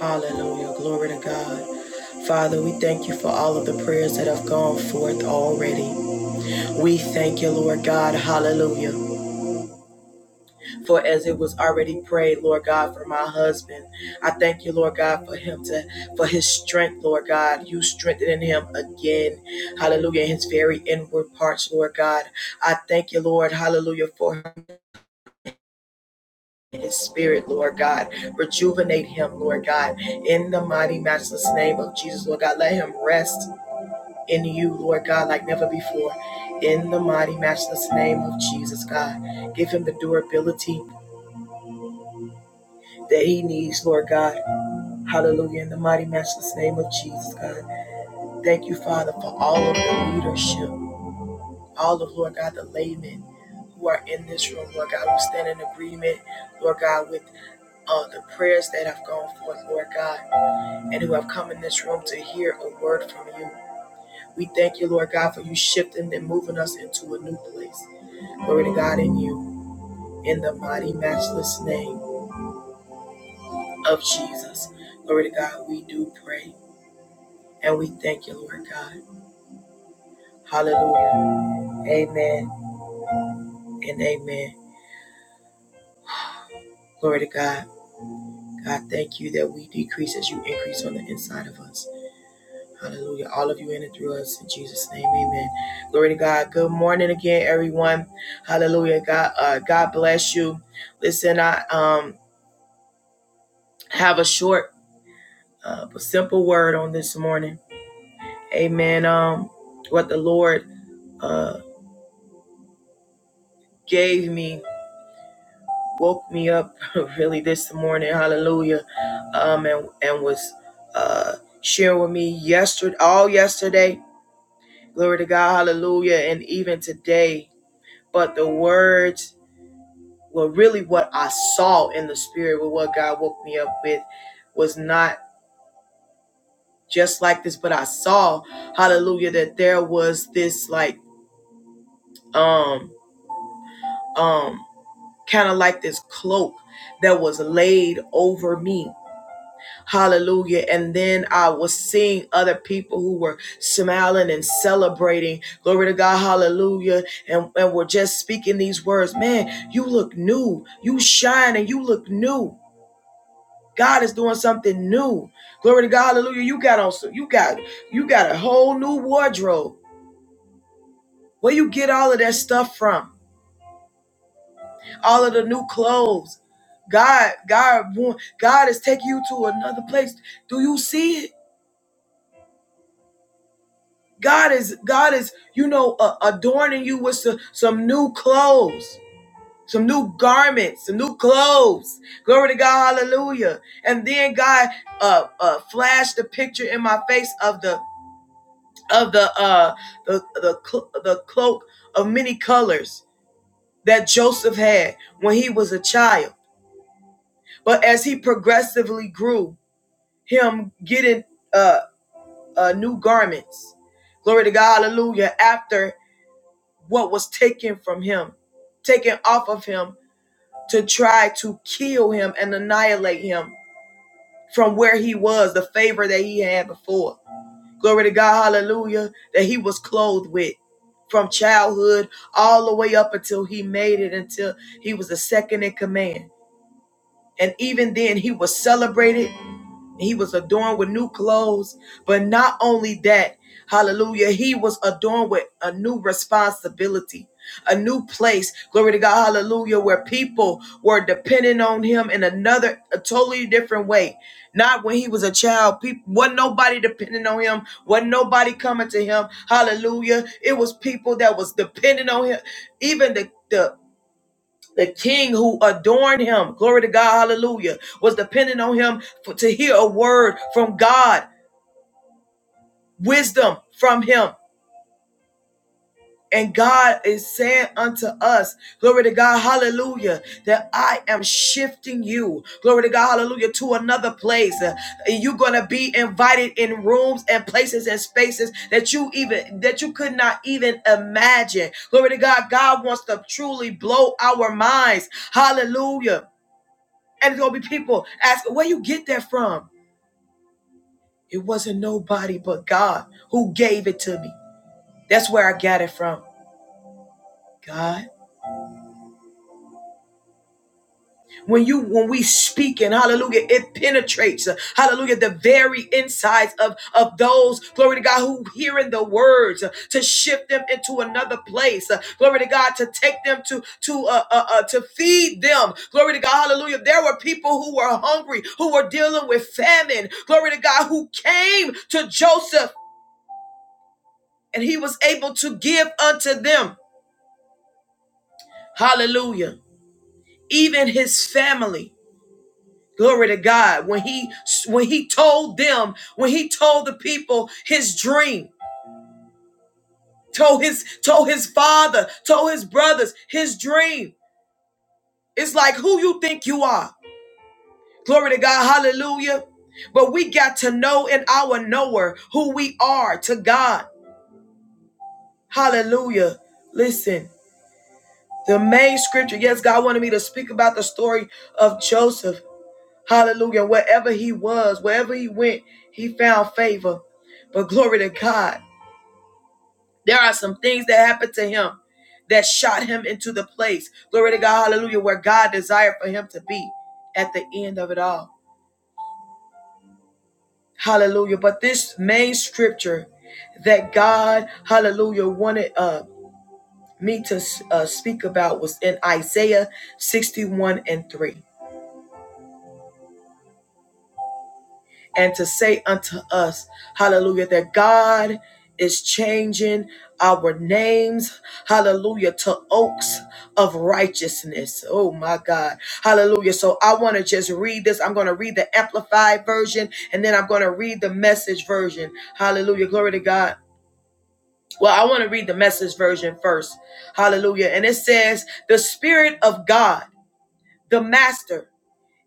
Speaker 1: Hallelujah. Glory to God. Father, we thank you for all of the prayers that have gone forth already. We thank you, Lord God. Hallelujah. For as it was already prayed, Lord God, for my husband, I thank you, Lord God, for him to, for his strength, Lord God. You strengthening him again, hallelujah, in his very inward parts, Lord God. I thank you, Lord, hallelujah, for his spirit, Lord God. Rejuvenate him, Lord God, in the mighty, matchless name of Jesus, Lord God. Let him rest in you, Lord God, like never before. In the mighty, matchless name of Jesus, God. Give him the durability that he needs, Lord God Hallelujah. In the mighty matchless name of Jesus, God. Thank you, Father, for all of the leadership, all of, Lord God, the laymen who are in this room, Lord God, who stand in agreement, Lord God, with uh, the prayers that have gone forth, Lord God, and who have come in this room to hear a word from you. We thank you, Lord God, for you shifting and moving us into a new place. Glory to God in you. In the mighty matchless name of Jesus. Glory to God, we do pray. And we thank you, Lord God. Hallelujah. Amen and amen. Glory to God. God, thank you that we decrease as you increase on the inside of us. Hallelujah. All of you in and through us. In Jesus' name, amen. Glory to God. Good morning again, everyone. Hallelujah. God, uh, God bless you. Listen, I um have a short uh, but simple word on this morning. Amen. Um, what the Lord uh gave me woke me up really this morning, hallelujah, um, and and was uh, sharing with me yesterday, all yesterday, glory to God, hallelujah, and even today. But the words were really what I saw in the spirit, with what God woke me up with, was not just like this, but I saw, hallelujah, that there was this like um um kind of like this cloak that was laid over me Hallelujah. And then I was seeing other people who were smiling and celebrating. Glory to God. Hallelujah. And, and were just speaking these words. Man, you look new. You shine and you look new. God is doing something new. Glory to God. Hallelujah. You got on you got you got a whole new wardrobe. Where you get all of that stuff from? All of the new clothes. God, God, God is taking you to another place. Do you see it? God is God is you know uh, adorning you with some, some new clothes, some new garments, some new clothes. Glory to God, Hallelujah! And then God uh, uh, flashed the picture in my face of the of the uh, the the cl- the cloak of many colors that Joseph had when he was a child. But as he progressively grew, him getting uh, uh, new garments. Glory to God, Hallelujah! After what was taken from him, taken off of him to try to kill him and annihilate him from where he was, the favor that he had before. Glory to God, hallelujah, that he was clothed with from childhood all the way up until he made it, until he was the second in command. And even then, he was celebrated he was adorned with new clothes, but not only that, hallelujah, he was adorned with a new responsibility, a new place, glory to God, hallelujah, where people were depending on him in another, a totally different way. Not when he was a child, people wasn't nobody depending on him, wasn't nobody coming to him, hallelujah. It was people that was depending on him, even the the the king who adorned him, glory to God, hallelujah, was dependent on him for, to hear a word from God, wisdom from him. And God is saying unto us, glory to God, hallelujah, that I am shifting you, glory to God, hallelujah, to another place. Uh, You're going to be invited in rooms and places and spaces that you even, that you could not even imagine. Glory to God, God wants to truly blow our minds. Hallelujah. And it's gonna be people asking, where you get that from? It wasn't nobody but God who gave it to me. That's where I got it from. God. When you when we speak and hallelujah, it penetrates, uh, hallelujah, the very insides of, of those, glory to God, who hearing the words uh, to shift them into another place. uh, glory to God, to take them to to uh, uh, uh to feed them. Glory to God, hallelujah. There were people who were hungry, who were dealing with famine, glory to God, who came to Joseph. and he was able to give unto them hallelujah even his family glory to god when he when he told them when he told the people his dream told his told his father told his brothers his dream it's like who you think you are glory to god hallelujah but we got to know in our knower who we are to god hallelujah listen the main scripture yes god wanted me to speak about the story of joseph Hallelujah. Wherever he was, wherever he went, he found favor. But glory to God. There are some things that happened to him that shot him into the place. Glory to God. Hallelujah. Where God desired for him to be at the end of it all. Hallelujah. But this main scripture that God, hallelujah, wanted uh, me to uh, speak about was in Isaiah 61 and 3. and to say unto us, hallelujah, that God is changing our names, hallelujah, to oaks of righteousness. Oh my God. Hallelujah. So I want to just read this. I'm going to read the amplified version and then I'm going to read the message version. Hallelujah. Glory to God. Well, I want to read the message version first. Hallelujah. And it says, The Spirit of God, the Master,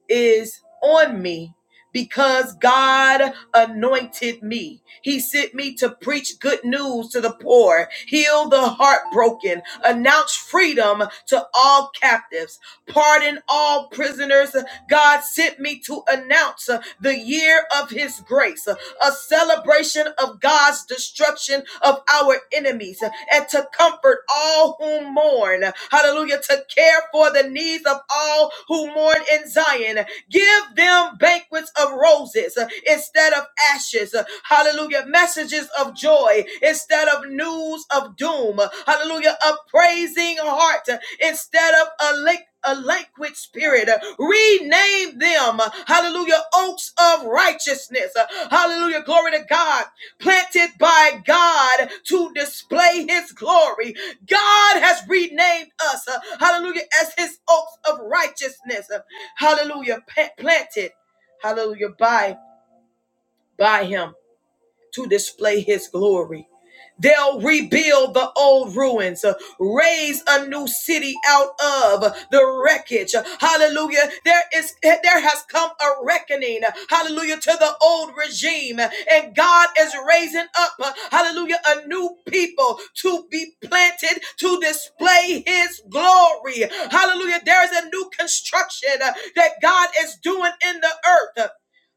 Speaker 1: is on me because God anointed me. He sent me to preach good news to the poor, heal the heartbroken, announce freedom to all captives, pardon all prisoners. God sent me to announce uh, the year of his grace a celebration of God's destruction of our enemies, and to comfort all who mourn. Hallelujah. To care for the needs of all who mourn in Zion. Give them banquets of roses uh, instead of ashes. Uh, Hallelujah. Messages of joy instead of news of doom. Uh, Hallelujah. A praising heart uh, instead of a lake. A languid spirit, Uh, rename them, uh, hallelujah, oaks of righteousness, Uh, hallelujah, glory to God, planted by God to display his glory. God has renamed us, uh, hallelujah, as his oaks of righteousness. uh, Hallelujah. planted. Hallelujah. By by him to display his glory. They'll rebuild the old ruins, uh, raise a new city out of uh, the wreckage. Hallelujah. There is there has come a reckoning. Hallelujah to the old regime and God is raising up uh, hallelujah a new people to be planted to display his glory. Hallelujah. There is a new construction uh, that God is doing in the earth.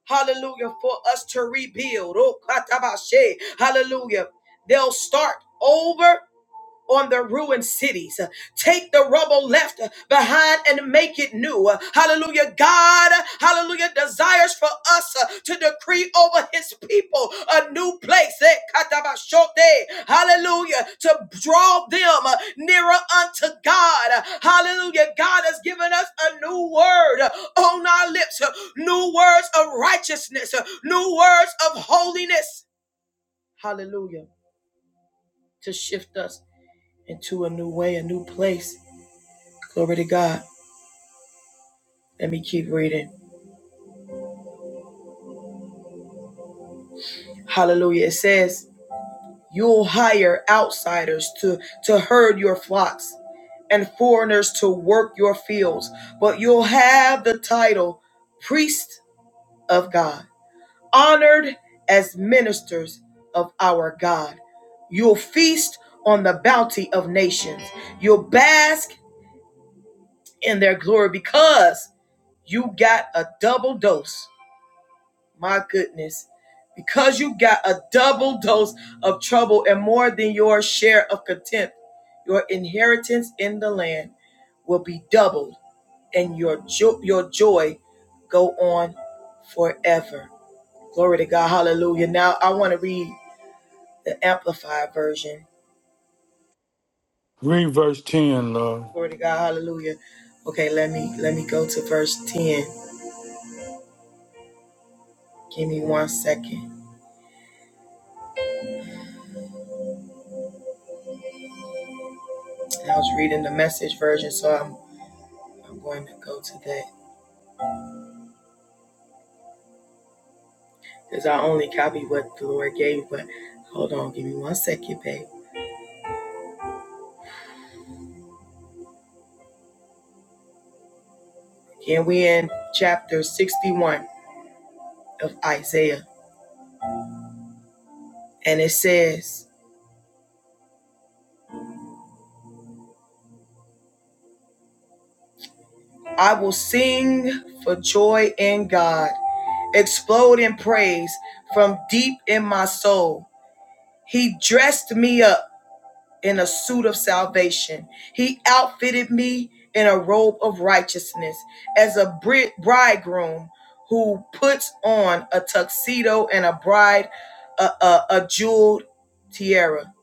Speaker 1: Hallelujah. For us to rebuild. Oh, katabashe. Hallelujah. They'll start over on the ruined cities. Take the rubble left behind and make it new. Hallelujah. God, hallelujah, desires for us uh, to decree over his people a new place. Eh, katabashote. Hallelujah. To draw them uh, nearer unto God. Hallelujah. God has given us a new word uh, on our lips, uh, new words of righteousness, uh, new words of holiness. Hallelujah. To shift us into a new way, a new place. Glory to God. Let me keep reading. Hallelujah. It says, You'll hire outsiders to, to herd your flocks and foreigners to work your fields, but you'll have the title priest of God, honored as ministers of our God. You'll feast on the bounty of nations, you'll bask in their glory because you got a double dose My goodness. Because you got a double dose of trouble and more than your share of contempt, your inheritance in the land will be doubled and your jo- your joy go on forever. Glory to God. Hallelujah. Now I want to read the amplified version.
Speaker 4: Read verse 10, Lord.
Speaker 1: Glory to God. Hallelujah. Okay, let me let me go to verse 10. Give me one second. I was reading the message version, so I'm I'm going to go to that. Because I only copy what the Lord gave me. But hold on, give me one second, babe. Again, we in chapter 61 of Isaiah. And it says, I will sing for joy in God, explode in praise from deep in my soul. He dressed me up in a suit of salvation. He outfitted me in a robe of righteousness as a bri- bridegroom who puts on a tuxedo and a bride a, a, a jeweled tiara.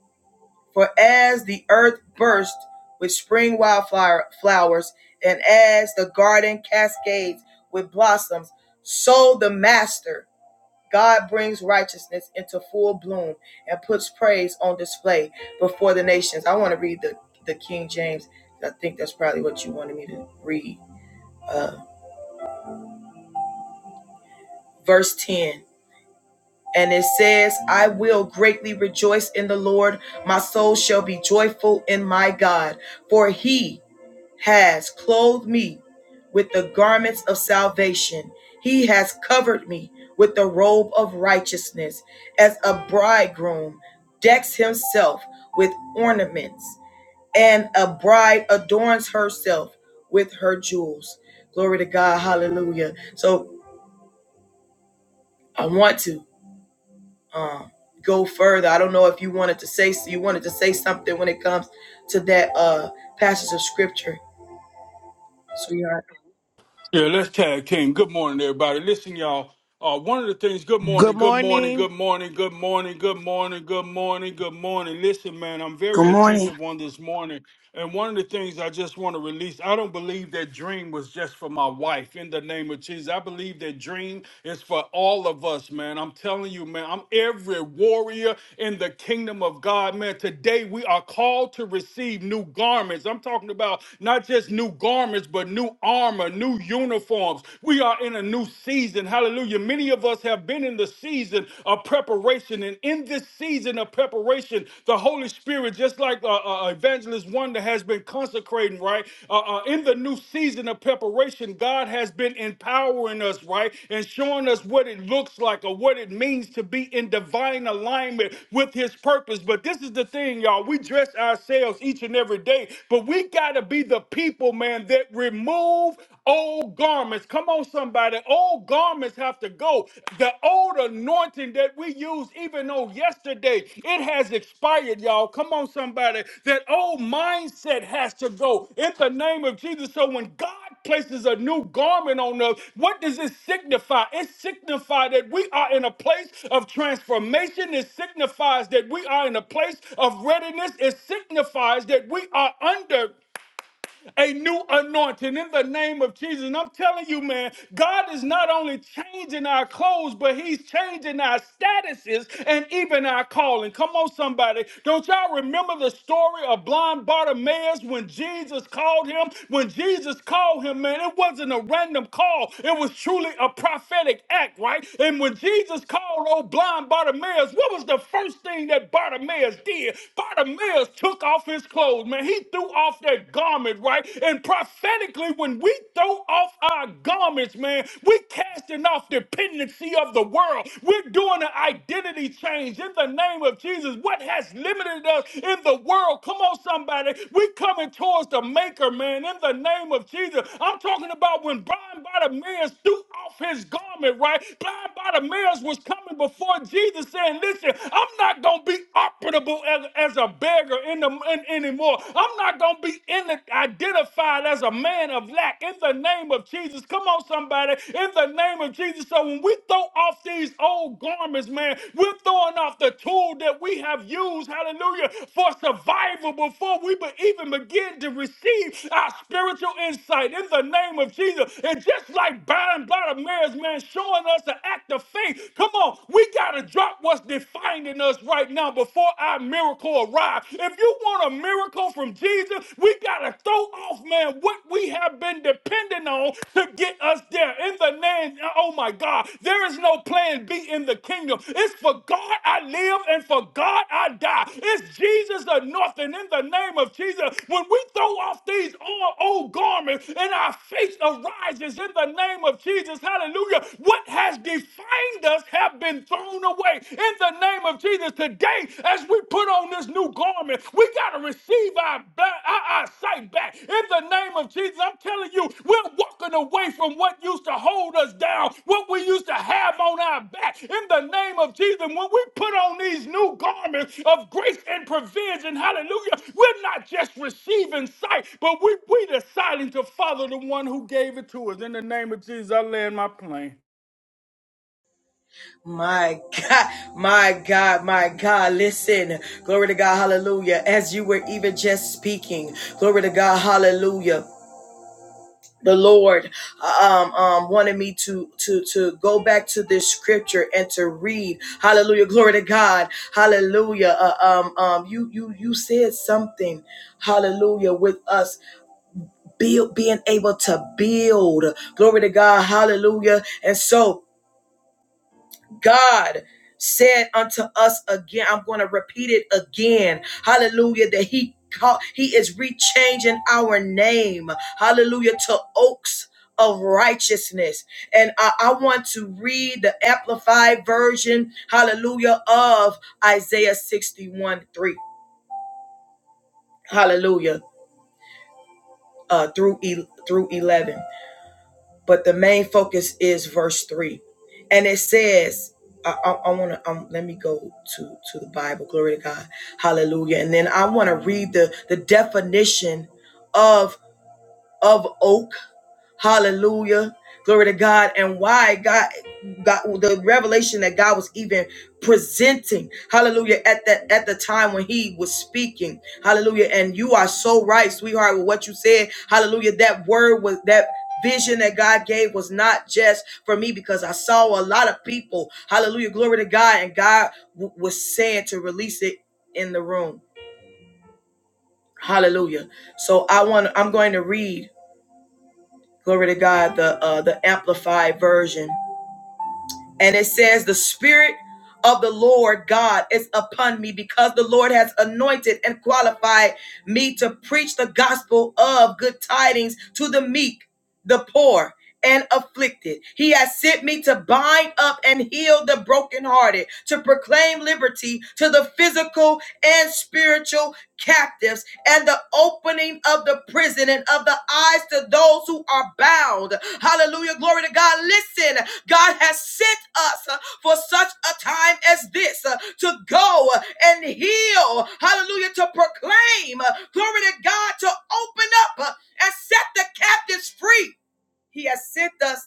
Speaker 1: For as the earth burst with spring wildflower flowers, and as the garden cascades with blossoms, so the master God brings righteousness into full bloom and puts praise on display before the nations. I want to read the, the King James. I think that's probably what you wanted me to read. Uh, verse 10. And it says, I will greatly rejoice in the Lord. My soul shall be joyful in my God, for he has clothed me with the garments of salvation. He has covered me with the robe of righteousness, as a bridegroom decks himself with ornaments, and a bride adorns herself with her jewels. Glory to God. Hallelujah. So I want to um, go further. I don't know if you wanted to say you wanted to say something when it comes to that uh, passage of scripture, sweetheart.
Speaker 4: Yeah, let's tag team. Good morning, everybody. Listen, y'all. Uh, one of the things. Good
Speaker 2: Good
Speaker 4: morning. Good morning.
Speaker 2: morning.
Speaker 4: Good morning. Good morning. Good morning. Good morning. Good morning. Listen, man, I'm
Speaker 5: Good
Speaker 4: very
Speaker 5: morning.
Speaker 4: attentive on this morning, and one of the things I just want to release. I don't believe that dream was just for my wife. In the name of Jesus, I believe that dream is for all of us, man. I'm telling you, man. I'm every warrior in the kingdom of God, man. Today we are called to receive new garments. I'm talking about not just new garments, but new new armor, new uniforms. We are in a new season. Hallelujah. Many of us have been in the season of preparation. And in this season of preparation, the Holy Spirit, just like uh, uh, uh, Evangelist Wonder has been consecrating, right? Uh, uh, in the new season of preparation, God has been empowering us, right? And showing us what it looks like or what it means to be in divine alignment with His purpose. But this is the thing, y'all. We dress ourselves each and every day, but we got to be the people people, man, that remove old garments. Come on, somebody. Old garments have to go. The old anointing that we used even on yesterday, it has expired, y'all. Come on, somebody. That old mindset has to go in the name of Jesus. So when God places a new garment on us, what does it signify? It signifies that we are in a place of transformation. It signifies that we are in a place of readiness. It signifies that we are under a new anointing in the name of Jesus. And I'm telling you, man, God is not only changing our clothes, but He's changing our statuses and even our calling. Come on, somebody. Don't y'all remember the story of blind Bartimaeus when Jesus called him? When Jesus called him, man, it wasn't a random call, it was truly a prophetic act, right? And when Jesus called old blind Bartimaeus, what was the first thing that Bartimaeus did? Bartimaeus took off his clothes clothes, man. He threw off that garment, right? And prophetically, when we throw off our garments, man, we're casting off dependency of the world. We're doing an identity change in the name of Jesus. What has limited us in the world? Come on, somebody. We're coming towards the maker, man, in the name of Jesus. I'm talking about when blind Bartimaeus threw off his garment, right? Blind Bartimaeus was coming before Jesus saying, Listen, I'm not going to be operable as, as, as a beggar in the, in, anymore. I'm not going to be in the, identified as a man of lack in the name of Jesus. Come on, somebody, in the name of Jesus. So when we throw off these old garments, man, we're throwing off the tool that we have used, hallelujah, for survival before we be- even begin to receive our spiritual insight in the name of Jesus. And just like Byron Blotter Mary's man showing us an act of faith, come on, we got to drop what's defining reminding us right now before our miracle arrives. If you want a miracle from Jesus, we got to throw off, man, what we have been depending on to get us there. In the name, oh my God, there is no plan B in the kingdom. It's for God I live and for God I die. It's Jesus the North, and in the name of Jesus, when we throw off these old old garments and our faith arises in the name of Jesus, hallelujah, what has defined us have have been thrown away in the name of Jesus. Today, as we put on this new garment, we got to receive our, our, our sight back in the name of Jesus. I'm telling you, we're walking away from what used to hold us down, what we used to have on our back in the name of Jesus. When we put on these new garments of grace and provision, hallelujah, we're not just receiving sight, but we, we deciding to follow the one who gave it to us. In the name of Jesus, I land my plane.
Speaker 1: My God, my God, my God, listen. Glory to God, hallelujah. As you were even just speaking, glory to God, hallelujah. The Lord um, um, wanted me to to to go back to this scripture and to read. Hallelujah, glory to God, Hallelujah. Uh, um, um, you you you said something. Hallelujah, with us build being able to build. Glory to God, Hallelujah. And so God said unto us again, I'm going to repeat it again. Hallelujah. That he called, he is rechanging our name. Hallelujah. To oaks of righteousness. And I, I want to read the amplified version. Hallelujah. Of Isaiah 61 3. Hallelujah. Uh, through, through 11. but the main focus is verse three, and it says, "I, I, I want to um, let me go to to the Bible. Glory to God, Hallelujah!" And then I want to read the the definition of of oak Hallelujah. Glory to God. And why God God the revelation that God was even presenting. Hallelujah. At that at the time when he was speaking. Hallelujah. And you are so right, sweetheart, with what you said. Hallelujah. That word was that vision that God gave was not just for me because I saw a lot of people. Hallelujah. Glory to God. And God w- was saying to release it in the room. Hallelujah. So I want I'm going to read glory to God, the uh, the amplified version, and it says, "The Spirit of the Lord God is upon me, because the Lord has anointed and qualified me to preach the gospel of good tidings to the meek, the poor." And afflicted. He has sent me to bind up and heal the brokenhearted, to proclaim liberty to the physical and spiritual captives and the opening of the prison and of the eyes to those who are bound. Hallelujah. Glory to God. Listen, God has sent us uh, for such a time as this uh, to go and heal. Hallelujah. To proclaim. uh, Glory to God. To open up uh, and set the captives free he has sent us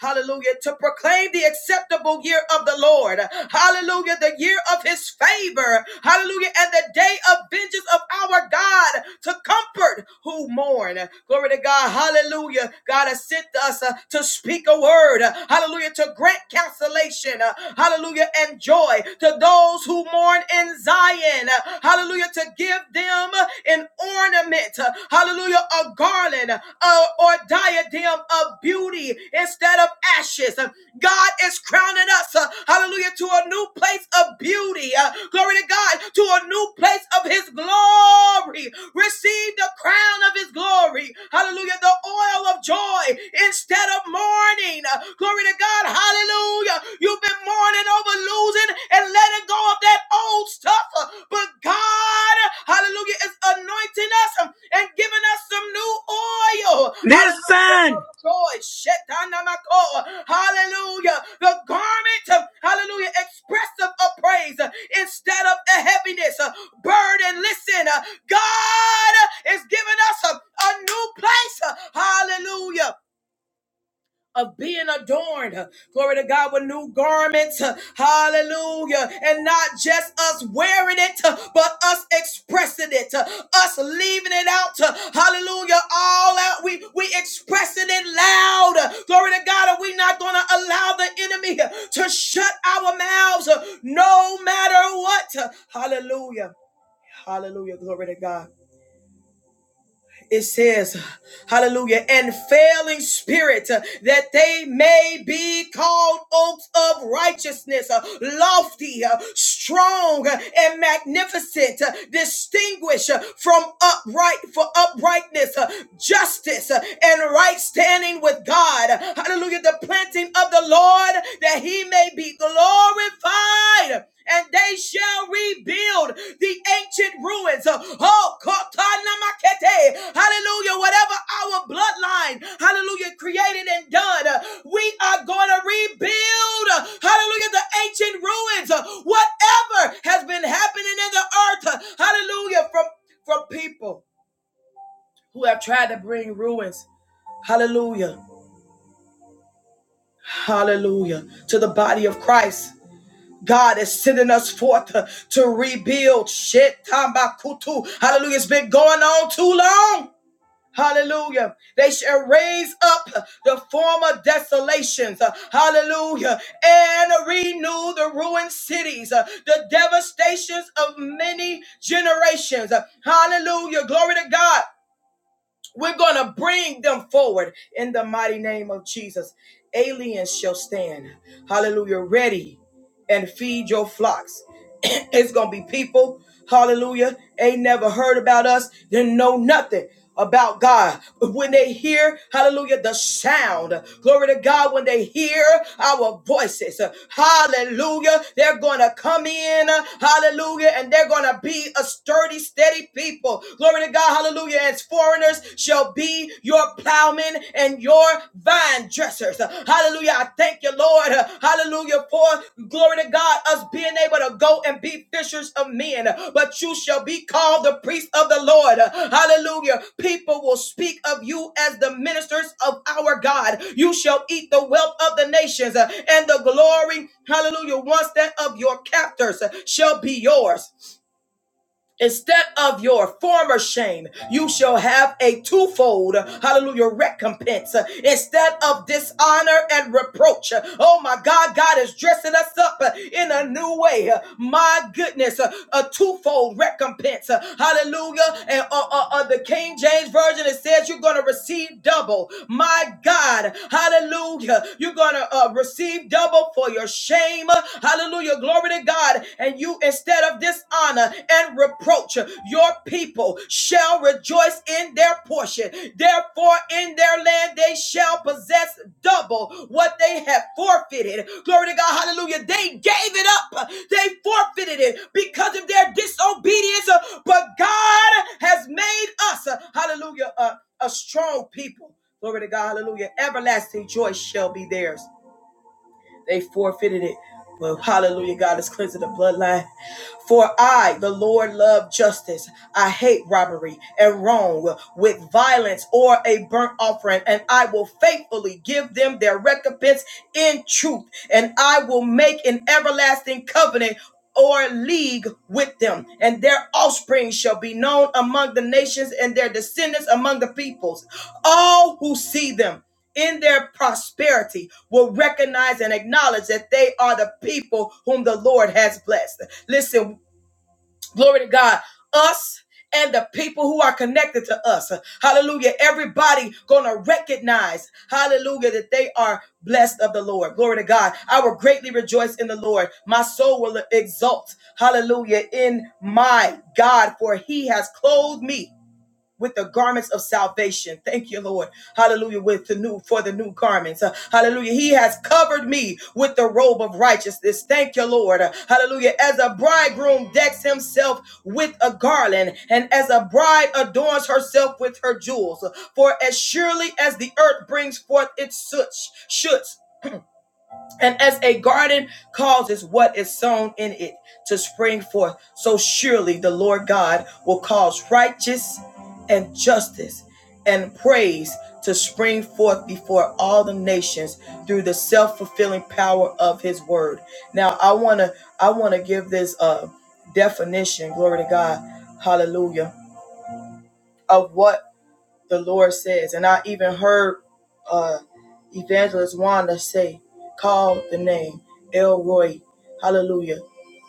Speaker 1: Hallelujah. To proclaim the acceptable year of the Lord. Hallelujah. The year of his favor. Hallelujah. And the day of vengeance of our God to comfort who mourn. Glory to God. Hallelujah. God has sent us uh, to speak a word. Hallelujah. To grant consolation. uh, Hallelujah. And joy to those who mourn in Zion. Hallelujah. To give them an orange ornament, uh, hallelujah, a garland uh, or diadem of beauty instead of ashes. Uh, God is crowning us, uh, hallelujah, to a new place of beauty. uh, Glory to God, to a new place of His glory. Receive the crown of His glory. Hallelujah, the oil of joy instead of mourning. Uh, Glory to God, hallelujah. You've been mourning over losing losing and letting go of that old stuff. But God, hallelujah, is anointing us and giving us some new oil. Hallelujah, of
Speaker 5: Listen!
Speaker 1: joy. Shetanamako. Hallelujah. The garment, hallelujah, expressive of praise instead of a heaviness. Burden, listen, God is giving us a, a new place. Hallelujah of being adorned, glory to God, with new garments, hallelujah, and not just us wearing it, but us expressing it, us leaving it out, hallelujah, all out, we, we expressing it loud, glory to God, are we not going to allow the enemy to shut our mouths, no matter what, hallelujah, hallelujah, glory to God it says, hallelujah, and failing spirit, uh, that they may be called oaks of righteousness, uh, lofty, uh, strong, uh, and magnificent, uh, distinguished uh, from upright for uprightness, uh, justice, uh, and right standing with God. Hallelujah, the planting of the Lord, that he may be glorified and they shall rebuild the ancient ruins. Oh, hallelujah. Whatever our bloodline, hallelujah, created and done, uh, we are going to rebuild, uh, hallelujah, the ancient ruins. Uh, Whatever has been happening in the earth, uh, hallelujah, from, from people who have tried to bring ruins, hallelujah, hallelujah, to the body of Christ. God is sending us forth uh, to rebuild shit. Tambakutu. Hallelujah. It's been going on too long. Hallelujah. They shall raise up the former desolations. uh, Hallelujah. And renew the ruined cities, uh, the devastations of many generations. Uh, Hallelujah. Glory to God. We're going to bring them forward in the mighty name of Jesus. Aliens shall stand. Hallelujah. Ready and feed your flocks. it's gonna be people, hallelujah, ain't never heard about us, didn't know nothing about God. But when they hear, hallelujah, the sound, glory to God, when they hear our voices, uh, hallelujah, they're gonna come in, uh, hallelujah, and they're gonna be a sturdy, steady people. Glory to God, hallelujah, as foreigners shall be your platform plowmen and your vine dressers. Hallelujah. I thank you, Lord. Hallelujah. For glory to God, us being able to go and be fishers of men. But you shall be called the priest of the Lord. Hallelujah. People will speak of you as the ministers of our God. You shall eat the wealth of the nations and the glory. Hallelujah. Once that of your captors shall be yours. Instead of your former shame, you shall have a twofold, hallelujah, recompense. Instead of dishonor and reproach, oh my God, God is dressing us up in a new way. My goodness, a twofold recompense, hallelujah. And uh, uh, uh, the King James Version, it says you're going to receive double. My God, hallelujah. You're going to uh, receive double for your shame, hallelujah. Glory Glory to God. And you, instead of dishonor and reproach, your people shall rejoice in their portion. Therefore, in their land they shall possess double what they have forfeited. Glory to God. Hallelujah. They gave it up. They forfeited it because of their disobedience. But God has made us, hallelujah, a, a strong people. Glory to God. Hallelujah. Everlasting joy shall be theirs. They forfeited it. Well, hallelujah, God is cleansing the bloodline. For I, the Lord, love justice. I hate robbery and wrong with violence or a burnt offering, and I will faithfully give them their recompense in truth, and I will make an everlasting covenant or league with them, and their offspring shall be known among the nations and their descendants among the peoples. All who see them in their prosperity will recognize and acknowledge that they are the people whom the Lord has blessed. Listen, glory to God. Us and the people who are connected to us. Hallelujah. Everybody gonna recognize, hallelujah, that they are blessed of the Lord. Glory to God. I will greatly rejoice in the Lord. My soul will exult, hallelujah, in my God, for he has clothed me with the garments of salvation. Thank you, Lord. Hallelujah. With the new for the new garments. Uh, hallelujah. He has covered me with the robe of righteousness. Thank you, Lord. Uh, hallelujah. As a bridegroom decks himself with a garland, and as a bride adorns herself with her jewels. For as surely as the earth brings forth its soot, shoots, and as a garden causes what is sown in it to spring forth, so surely the Lord God will cause righteousness and justice and praise to spring forth before all the nations through the self-fulfilling power of his word. Now I want to I want to give this uh definition, glory to God, hallelujah, of what the Lord says. And I even heard uh, Evangelist Wanda say, call the name Elroy. Hallelujah.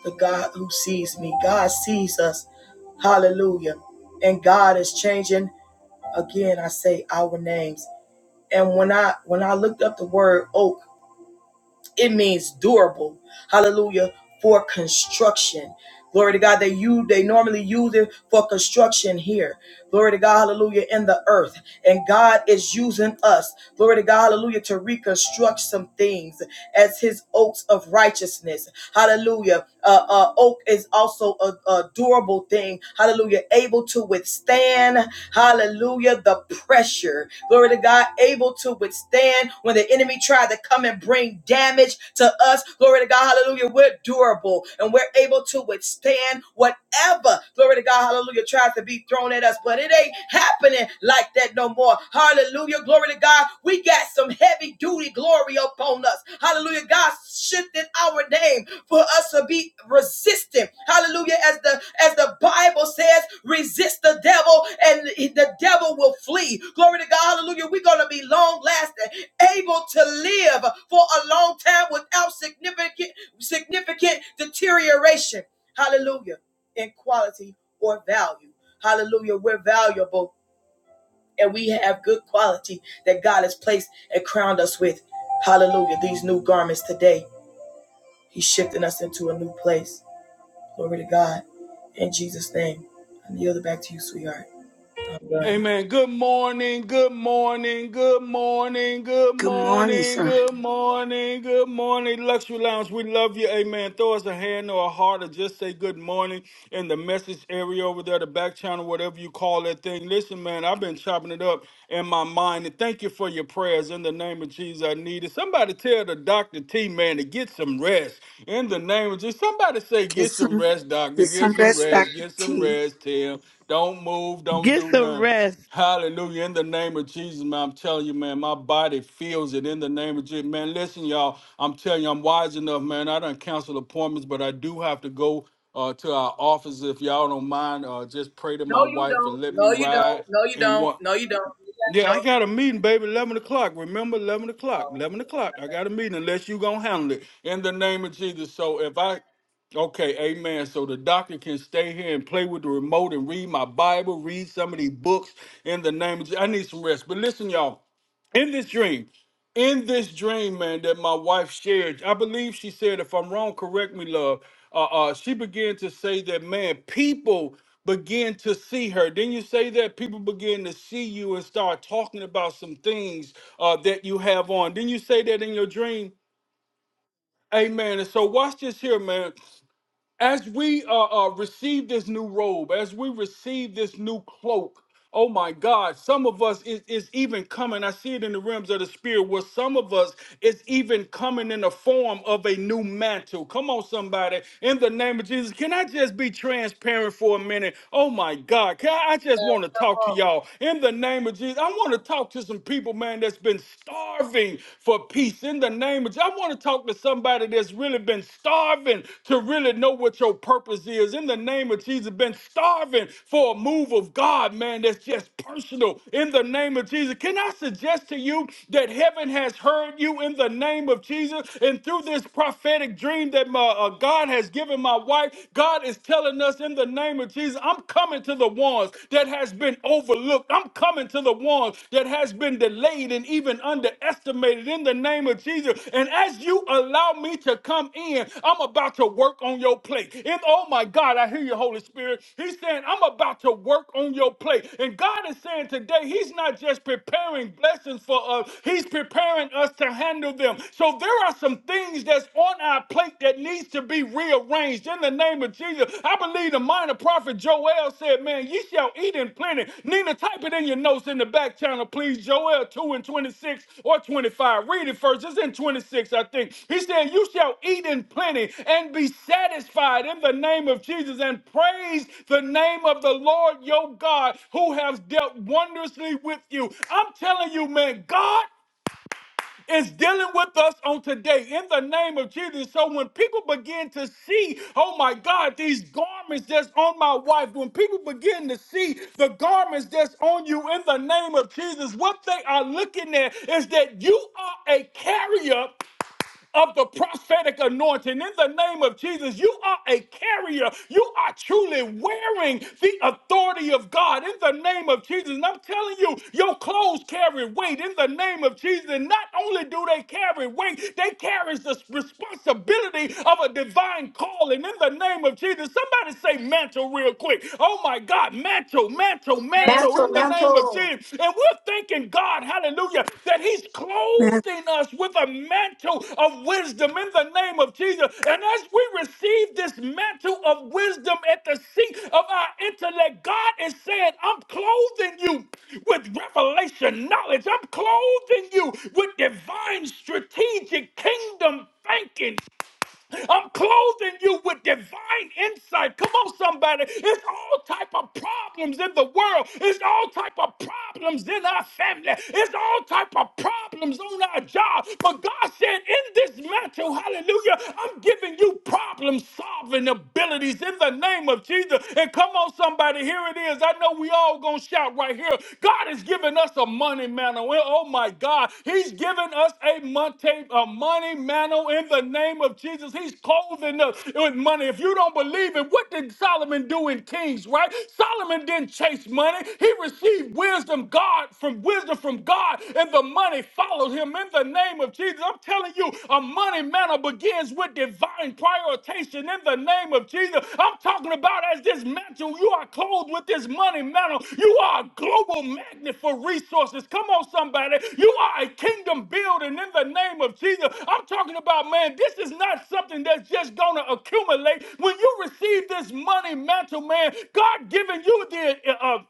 Speaker 1: The God who sees me. God sees us. Hallelujah. And God is changing again. I say our names. And when I when I looked up the word oak, it means durable hallelujah for construction glory to god they use they normally use it for construction here glory to god hallelujah in the earth and god is using us glory to god hallelujah to reconstruct some things as his oaks of righteousness hallelujah uh, uh, oak is also a, a durable thing hallelujah, able to withstand, hallelujah, the pressure. Glory to God, able to withstand when the enemy tried to come and bring damage to us. Glory to God, hallelujah, we're durable and we're able to withstand whatever, glory to God, hallelujah, tries to be thrown at us. But it ain't happening like that no more. Hallelujah, glory to God, we got some some heavy duty glory upon us. Hallelujah. God shifted our name for us to be resistant. Hallelujah. As the as the Bible says, resist the devil and the devil will flee. Glory to God. Hallelujah. We're going to be long lasting, able to live for a long time without significant significant deterioration. Hallelujah. In quality or value. Hallelujah. We're valuable and we have good quality that God has placed and crowned us with. Hallelujah. These new garments today, He's shifting us into a new place. Glory to God. In Jesus' name, I yield it back to you, sweetheart. I'm done.
Speaker 4: Amen. Good morning. Good morning. Good morning. Good
Speaker 5: Good morning,
Speaker 4: morning.
Speaker 5: sir.
Speaker 4: Good morning. Good morning. Luxury Lounge, we love you. Amen. Throw us a hand or a heart or just say good morning in the message area over there, the back channel, whatever you call that thing. Listen, man, I've been chopping it up in my mind. And thank you for your prayers. In the name of Jesus, I need it. Somebody tell the Dr. T, man, to get some rest. In the name of Jesus. Somebody say,
Speaker 5: Get
Speaker 4: get some
Speaker 5: some,
Speaker 4: rest, doctor.
Speaker 5: get some
Speaker 4: Get some
Speaker 5: rest, Dr.
Speaker 4: rest. Get some
Speaker 5: T.
Speaker 4: rest, Tim. Don't move. Don't
Speaker 2: Get
Speaker 4: do
Speaker 2: some
Speaker 4: nothing.
Speaker 2: rest.
Speaker 4: Hallelujah. In the name of Jesus, man, I'm telling you, man, my body feels it in the name of Jesus. Man, listen, y'all, I'm telling you, I'm wise enough, man. I don't cancel appointments, but I do have to go uh, to our office. If y'all don't mind, uh, just pray to my
Speaker 1: No, you
Speaker 4: wife
Speaker 1: don't.
Speaker 4: and let me
Speaker 1: No, you don't.
Speaker 4: ride.
Speaker 1: No, you
Speaker 4: And
Speaker 1: don't.
Speaker 4: what?
Speaker 1: No, you don't. You gotta
Speaker 4: Yeah, I
Speaker 1: go
Speaker 4: got a meeting, baby, 11 o'clock. Remember, 11 o'clock. 11 o'clock. I got a meeting unless you going to handle it in the name of Jesus. So if I, okay, amen. So the doctor can stay here and play with the remote and read my Bible, read some of these books in the name of Jesus. I need some rest. But listen, y'all, in this dream in this dream, man, that my wife shared, I believe she said, if I'm wrong, correct me, love. Uh, uh, she began to say that, man, people begin to see her. Then you say that people begin to see you and start talking about some things uh, that you have on. Then you say that in your dream, amen. And so watch this here, man as we uh, uh, receive this new robe, as we receive this new cloak, oh my God, some of us is, is even coming. I see it in the realms of the spirit where some of us is even coming in the form of a new mantle. Come on, somebody, in the name of Jesus. Can I just be transparent for a minute? Oh my God, can I, I just want to talk to
Speaker 1: home.
Speaker 4: y'all in the name of Jesus. I want to talk to some people, man, that's been starving for peace in the name of. Je- I want to talk to somebody that's really been starving to really know what your purpose is in the name of Jesus. Been starving for a move of God, man. That's just personal in the name of Jesus. Can I suggest to you that heaven has heard you in the name of Jesus, and through this prophetic dream that my uh, God has given my wife, God is telling us in the name of Jesus, I'm coming to the ones that have has been overlooked. I'm coming to the one that has been delayed and even underestimated in the name of Jesus. And as you allow me to come in, I'm about to work on your plate. And oh my God, I hear you, Holy Spirit. He's saying, I'm about to work on your plate. And God is saying today, He's not just preparing blessings for us, He's preparing us to handle them. So there are some things that's on our plate that needs to be be rearranged in the name of Jesus. I believe the minor prophet Joel said, Man, ye shall eat in plenty. Nina, type it in your notes in the back channel, please. Joel 2 and 26 or 25. Read it first. It's in 26, I think. He said, You shall eat in plenty and be satisfied in the name of Jesus and praise the name of the Lord your God who has dealt wondrously with you. I'm telling you, man, God is dealing with us on today in the name of Jesus. So when people begin to see, oh my God, these garments that's on my wife, when people begin to see the garments that's on you in the name of Jesus, what they are looking at is that you are a carrier of the prophetic anointing. In the name of Jesus, you are a carrier. You are truly wearing the authority of God in the name of Jesus. And I'm telling you, your clothes carry weight in the name of Jesus. And not only do they carry weight, they carry the responsibility of a divine calling in the name of Jesus. Somebody say mantle real quick. Oh my God, mantle, mantle, your mantle
Speaker 3: Mantle,
Speaker 4: in the name of
Speaker 3: mantle.
Speaker 4: Jesus. And we're thanking God, hallelujah, that He's
Speaker 5: Man,
Speaker 4: clothing us with a mantle of wisdom in the name of Jesus. And as we receive this mantle of wisdom at the seat of our intellect, God is saying, I'm clothing you with revelation knowledge. I'm clothing you with divine strategic kingdom thinking. I'm clothing you with divine insight. Come on, somebody. It's all type of problems in the world. It's all type of problems in our family. It's all type of problems on our job. But God said, in this mantle, hallelujah, I'm giving you problem solving abilities in the name of Jesus. And come on, somebody, here it is. I know we all gonna shout right right here. God has given us a money mantle. Well, Oh my God, He's given us a money a money mantle in the name of Jesus. He's clothing us with money. If you don't believe it, what did Solomon do in Kings? Right? Solomon didn't chase money. He received wisdom God from wisdom from God, and the money followed him in the name of Jesus. I'm telling you, a money mantle begins with divine prioritization in the name of Jesus. I'm talking about as this mantle, you are clothed with this money mantle. You are a global magnet for resources. Come on, somebody. You are a kingdom building in the name of Jesus. I'm talking about, man, this is not something that's just going to accumulate. When you receive this money mantle, man, God giving you the uh,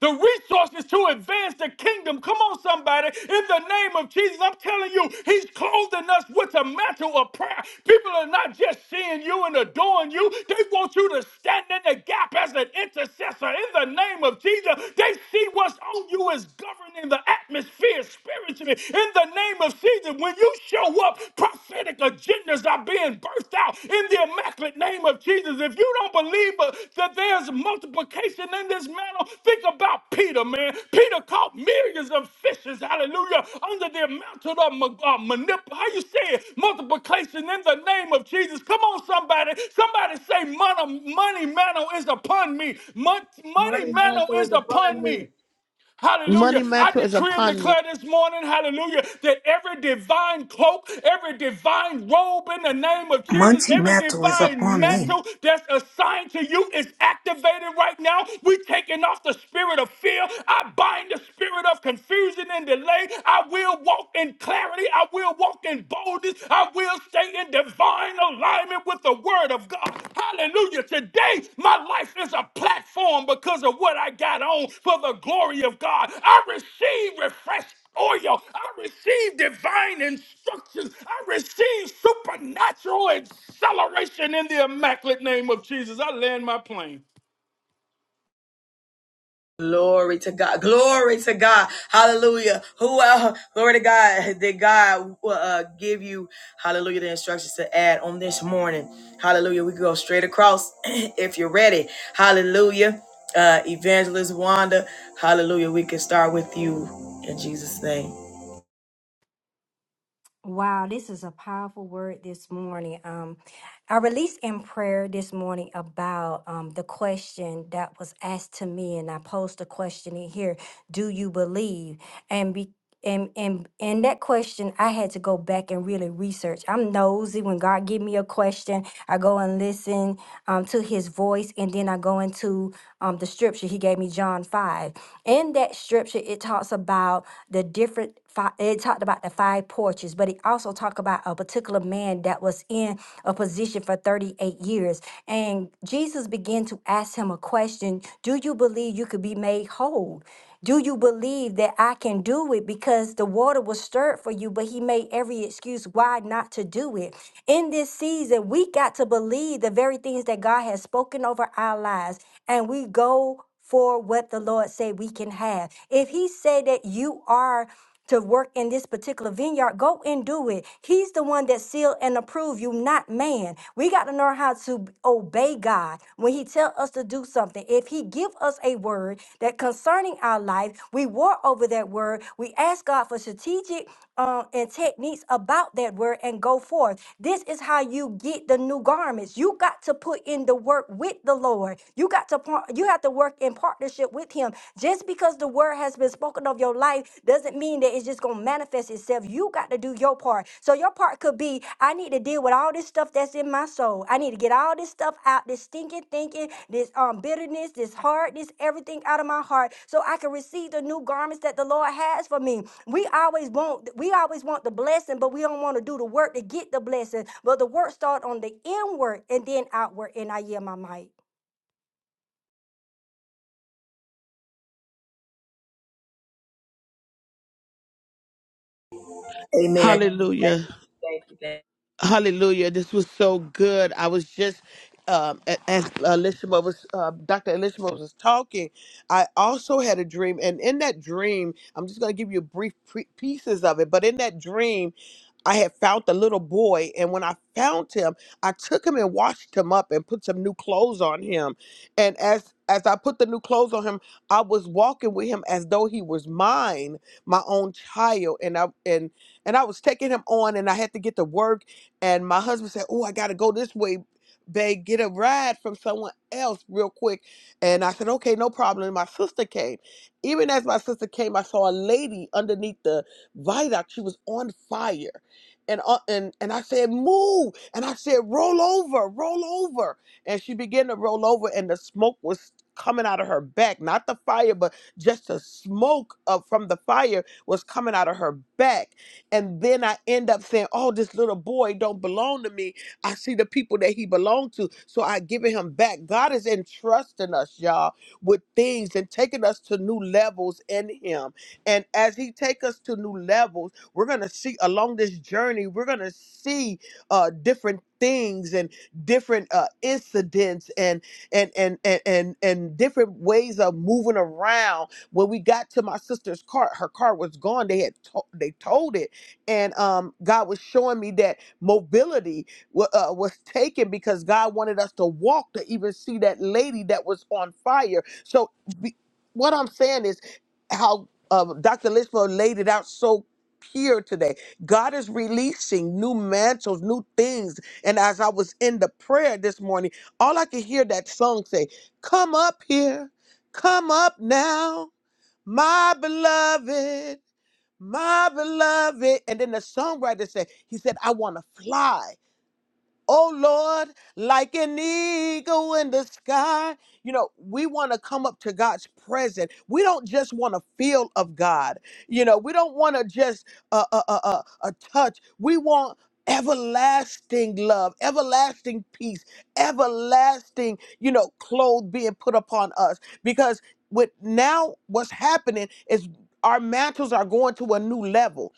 Speaker 4: the resources to advance the kingdom. Come on, somebody. In the name of Jesus, I'm telling you, He's clothing us with a mantle of prayer. People are not just seeing you and adoring you, they want you to stand in the gap as an intercessor. In the name of Jesus, they see what's on you is governing the atmosphere spiritually. In the name of Jesus, when you show up, prophetic agendas miracles are being birthed out in the immaculate name of Jesus. If you don't believe uh, that there's multiplication in this mantle, think about Peter, man. Peter caught millions of fishes, hallelujah, under the mountain of ma- uh, manip. How you say it? Multiplication in the name of Jesus. Come on, somebody. Somebody say, money, money mantle is upon me. Mon-
Speaker 1: Money
Speaker 4: money mantle
Speaker 1: answer is
Speaker 4: is upon
Speaker 1: abundant.
Speaker 4: me. Hallelujah.
Speaker 2: Money
Speaker 4: I
Speaker 2: mantle is
Speaker 4: decree and
Speaker 2: upon me.
Speaker 4: declare this morning, hallelujah, that every divine cloak, every divine robe in the name of Jesus,
Speaker 5: Monty
Speaker 4: every
Speaker 5: Mantle is
Speaker 4: divine
Speaker 5: upon me.
Speaker 4: mantle that's assigned to you is activated right now. we taking off the spirit of fear. I bind the spirit of confusion and delay. I will walk in clarity. I will walk in boldness. I will stay in divine alignment with the word of God. Hallelujah. Today, my life is a platform because of what I got on for the glory of God. I receive refreshing oil. I receive divine instructions. I receive supernatural acceleration in the immaculate name of Jesus. I land my plane.
Speaker 1: Glory to God. Glory to God. Hallelujah. Who, uh, glory to God. Did God uh, give you, hallelujah, the instructions to add on this morning? Hallelujah. We go straight across if you're ready. Hallelujah. Uh, Evangelist Wanda, hallelujah. We can start with you in Jesus' name.
Speaker 3: Wow, this is a powerful word this morning. Um, I released in prayer this morning about um, the question that was asked to me, and I posed the question in here: Do you believe? And be and and and that question, I had to go back and really research. I'm nosy when God give me a question, I go and listen um, to His voice, and then I go into um, the scripture He gave me, John five. In that scripture, it talks about the different it talked about the five porches, but it also talked about a particular man that was in a position for 38 years. And Jesus began to ask him a question Do you believe you could be made whole? Do you believe that I can do it? Because the water was stirred for you, but he made every excuse why not to do it. In this season, we got to believe the very things that God has spoken over our lives, and we go for what the Lord said we can have. If he said that you are to work in this particular vineyard, go and do it. He's the one that seal and approve you, not man. We got to learn how to obey God when He tell us to do something. If He give us a word that concerning our life, we war over that word. We ask God for strategic um, and techniques about that word and go forth. This is how you get the new garments. You got to put in the work with the Lord. You got to par- you have to work in partnership with Him him. Just because the word has been spoken of your life doesn't mean that it's just going to manifest itself. You got to do your part. So your part could be I need to deal with all this stuff that's in my soul. I need to get all this stuff out, this stinking thinking, this um bitterness, this hardness, everything out of my heart so I can receive the new garments that the Lord has for me. We always want we always want the blessing, but we don't want to do the work to get the blessing. But the work start on the inward and then outward and I yield my mic.
Speaker 2: Hallelujah. Hallelujah. This was so good. I was just, um, a- as Elishma was, uh, Dr. Elishma was talking, I also had a dream. And in that dream, I'm just going to give you brief pre- pieces of it. But in that dream, I had found the little boy, and when I found him, I took him and washed him up and put some new clothes on him. And as as I put the new clothes on him, I was walking with him as though he was mine, my own child. And I and and I was taking him on, and I had to get to work. And my husband said, "Oh, I got to go this way, babe. Get a ride from someone else real quick." And I said, "Okay, no problem." And my sister came. Even as my sister came, I saw a lady underneath the viaduct. She was on fire and uh, and and I said move and I said roll over roll over and she began to roll over and the smoke was coming out of her back not the fire but just the smoke of from the fire was coming out of her back and then I end up saying oh this little boy don't belong to me I see the people that he belonged to so I giving him back God is entrusting us y'all with things and taking us to new levels in him and as he take us to new levels we're going to see along this journey, we're going to see uh, different things and different uh, incidents and and, and and and and different ways of moving around. When we got to my sister's car, her car was gone. They had to- they told it, and um, God was showing me that mobility wa- uh, was taken because God wanted us to walk to even see that lady that was on fire. So, be, what I'm saying is how um, Dr. Lismo laid it out so here today. God is releasing new mantles, new things. And as I was in the prayer this morning, all I could hear that song say, Come up here, come up now, my beloved, my beloved. And then the songwriter said, He said, I want to fly. Oh Lord, like an eagle in the sky. You know, we want to come up to God's presence. We don't just want to feel of God. You know, we don't want to just a uh, uh, uh, uh, a touch. We want everlasting love, everlasting peace, everlasting, you know, clothes being put upon us. Because with now what's happening is our mantles are going to a new level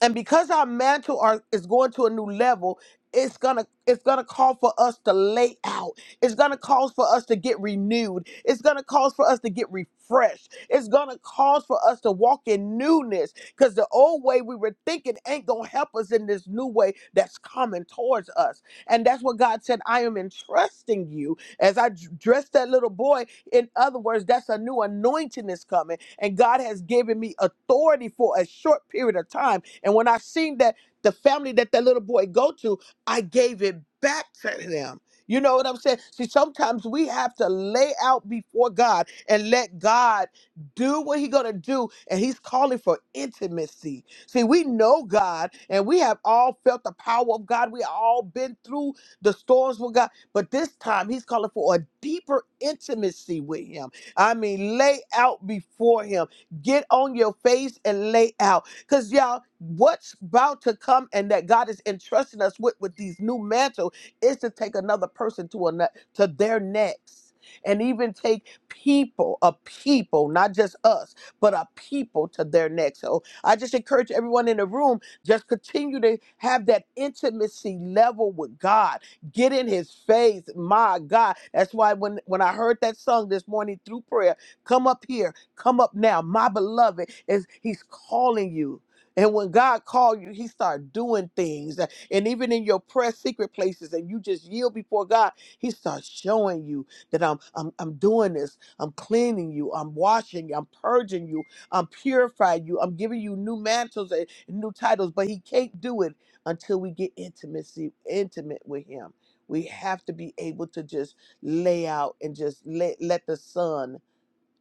Speaker 2: and because our mantle are, is going to a new level it's gonna it's gonna call for us to lay out it's gonna cause for us to get renewed it's gonna cause for us to get refreshed it's gonna cause for us to walk in newness because the old way we were thinking ain't gonna help us in this new way that's coming towards us and that's what god said i am entrusting you as i d- dressed that little boy in other words that's a new anointing is coming and god has given me authority for a short period of time and when I seen that the family that that little boy go to, I gave it back to them. You know what I'm saying? See, sometimes we have to lay out before God and let God do what He gonna do, and He's calling for intimacy. See, we know God, and we have all felt the power of God. We all been through the storms with God, but this time He's calling for a deeper intimacy with Him. I mean, lay out before Him. Get on your face and lay out. Because, y'all, what's about to come and that God is entrusting us with with these new mantle is to take another person to, another, to their next. And even take people, a people, not just us, but a people to their next. So I just encourage everyone in the room, just continue to have that intimacy level with God. Get in his face. My God. That's why when, when I heard that song this morning through prayer, come up here. Come up now, my beloved. Is He's calling you. And when God called you, He started doing things. And even in your prayer secret places, and you just yield before God, He starts showing you that I'm I'm I'm doing this. I'm cleaning you. I'm washing you. I'm purging you. I'm purifying you. I'm giving you new mantles and new titles. But He can't do it until we get intimacy intimate with Him. We have to be able to just lay out and just let let the sun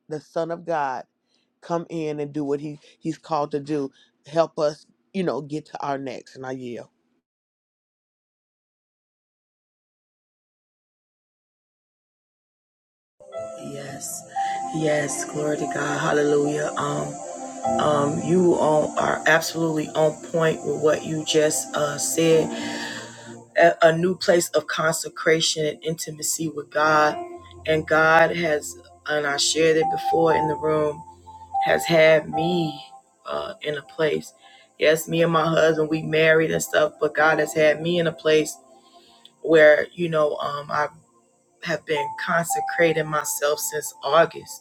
Speaker 2: the Son of God, come in and do what he, he's called to do. Help us, you know, get to our next. And I yield.
Speaker 1: Yes. Yes, glory to God, hallelujah. Um, um, you all are absolutely on point with what you just uh, said a, a new place of consecration and intimacy with God. And God has, and I shared it before in the room, has had me uh, in a place. Yes, me and my husband, we married and stuff, but God has had me in a place where, you know, um, I have been consecrating myself since August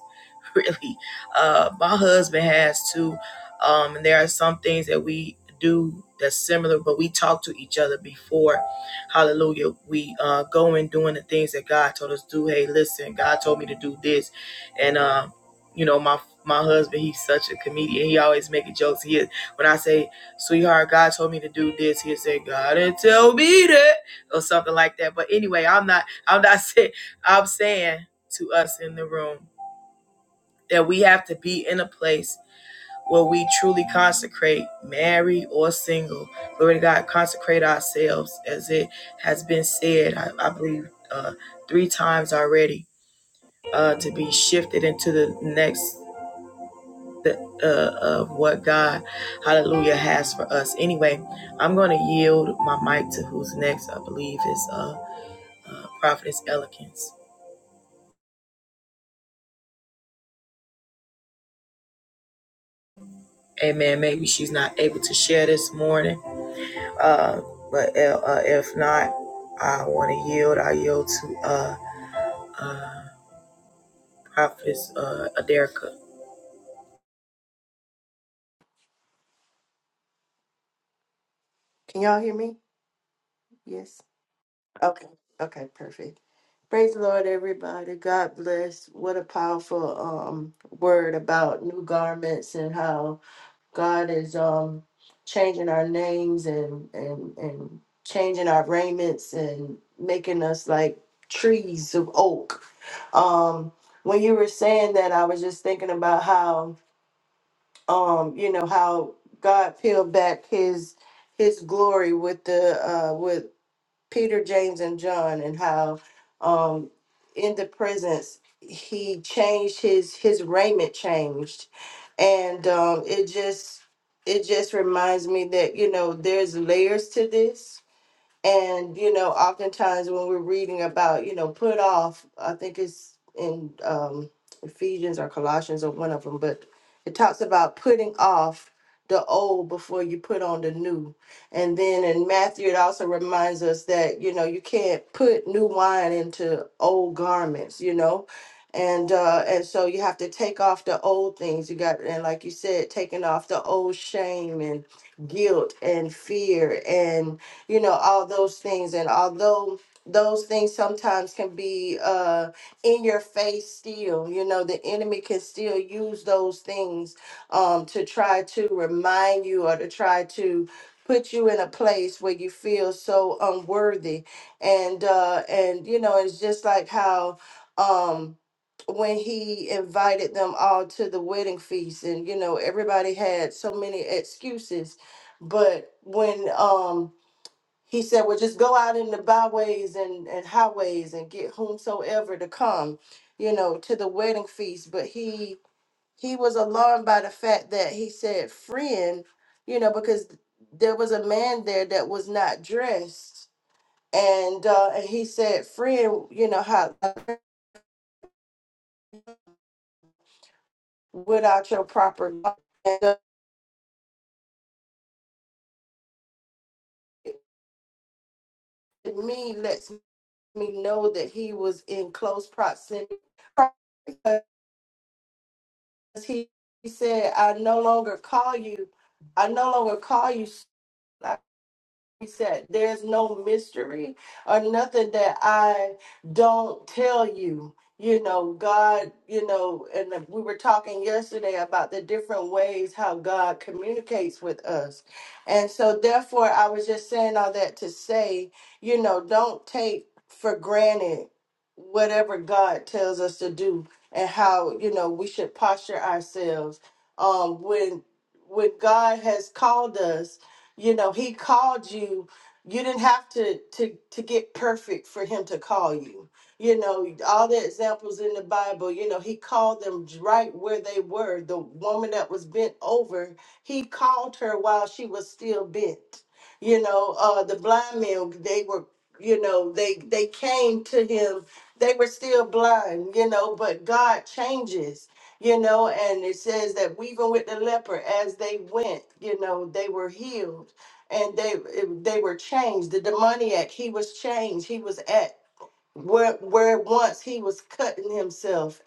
Speaker 1: really. Uh, my husband has too. Um, and there are some things that we do that's similar, but we talk to each other before. Hallelujah. We uh, go in doing the things that God told us to do. Hey, listen, God told me to do this. And, uh, you know, my my husband, he's such a comedian. He always making jokes. He is, when I say, sweetheart, God told me to do this, he'll say, God didn't tell me that, or something like that. But anyway, I'm not, I'm not saying, I'm saying to us in the room, that we have to be in a place where we truly consecrate, married or single. Glory to God, consecrate ourselves as it has been said, I, I believe, uh, three times already, uh, to be shifted into the next. The, uh, of what God, hallelujah, has for us. Anyway, I'm going to yield my mic to who's next, I believe, is uh, Prophetess Elegance. Amen. Maybe she's not able to share this morning Uh, but uh, uh, if not, I want to yield. I yield to uh, Prophetess uh, Aderica.
Speaker 6: Can y'all hear me? Yes. Okay. Okay, perfect. Praise the Lord, everybody. God bless. What a powerful um word about new garments and how God is um changing our names and and and changing our raiments and making us like trees of oak. Um when you were saying that I was just thinking about how um you know how God peeled back his his glory with the uh with Peter, James, and John, and how um, in the presence he changed his his raiment changed, and um, it just it just reminds me that you know there's layers to this and, you know, oftentimes when we're reading about, you know, put off, I think it's in um, Ephesians or Colossians or one of them, but it talks about putting off the old before you put on the new. And then in Matthew, it also reminds us that, you know, you can't put new wine into old garments, you know? And uh, and so you have to take off the old things you got, and like you said, taking off the old shame and guilt and fear and you know, all those things. And although those things sometimes can be uh, in your face still, you know, the enemy can still use those things um, to try to remind you or to try to put you in a place where you feel so unworthy and uh and you know it's just like how um when he invited them all to the wedding feast and you know everybody had so many excuses but when um he said, Well, just go out in the byways and, and highways and get whomsoever to come, you know, to the wedding feast. But he he was alarmed by the fact that he said, friend, you know, because there was a man there that was not dressed. And uh and he said, Friend, you know, how without your proper garb." and uh, it- to me lets me know that he was in close proximity he said, I no longer call you, I no longer call you. He said, There's no mystery or nothing that I don't tell you. You know, God, you know, and we were talking yesterday about the different ways how God communicates with us. And so, therefore, I was just saying all that to say, you know, don't take for granted whatever God tells us to do and how, you know, we should posture ourselves um, when when God has called us you know he called you you didn't have to to to get perfect for him to call you you know all the examples in the bible you know he called them j- right where they were the woman that was bent over he called her while she was still bent you know uh the blind men they were you know they they came to him they were still blind you know but god changes you know and it says that even with the leper as they went you know they were healed and they they were changed the demoniac he was changed he was at where where once he was cutting himself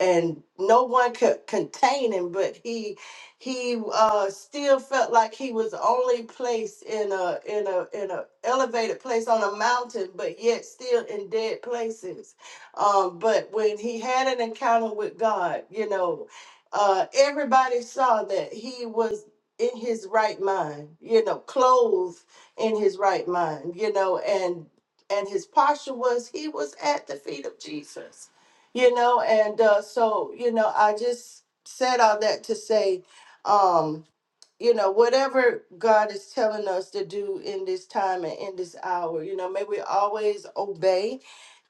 Speaker 6: and no one could contain him but he he uh still felt like he was only placed in a in a in a elevated place on a mountain but yet still in dead places um but when he had an encounter with god you know uh everybody saw that he was in his right mind you know clothed in his right mind you know and and his posture was he was at the feet of jesus you know and uh, so you know i just said all that to say um you know whatever god is telling us to do in this time and in this hour you know may we always obey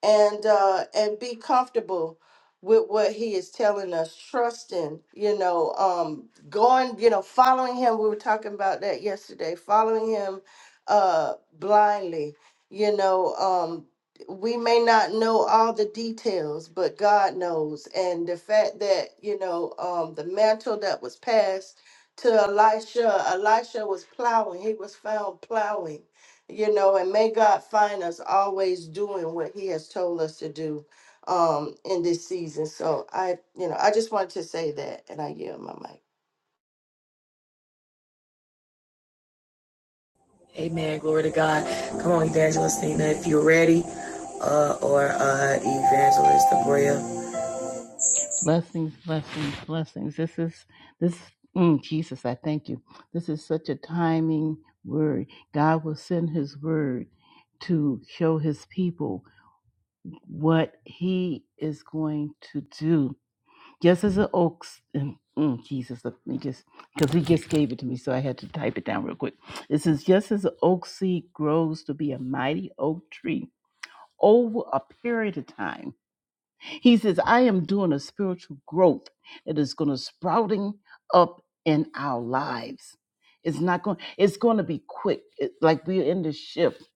Speaker 6: and uh and be comfortable with what he is telling us trusting you know um going you know following him we were talking about that yesterday following him uh blindly you know um we may not know all the details but god knows and the fact that you know um the mantle that was passed to elisha elisha was plowing he was found plowing you know, and may God find us always doing what He has told us to do um in this season. So I, you know, I just wanted to say that and I yield my mic.
Speaker 1: Amen. Glory to God. Come on, Evangelist Nina, if you're ready, uh, or uh, Evangelist Abrea.
Speaker 7: Blessings, blessings, blessings. This is this mm, Jesus, I thank you. This is such a timing word. God will send his word to show his people what he is going to do. Just as an oak mm, mm, Jesus, let me just because he just gave it to me, so I had to type it down real quick. This is just as an oak seed grows to be a mighty oak tree over a period of time. He says, I am doing a spiritual growth that is going to sprouting up in our lives. It's not going, it's going to be quick. It, like we're in the shift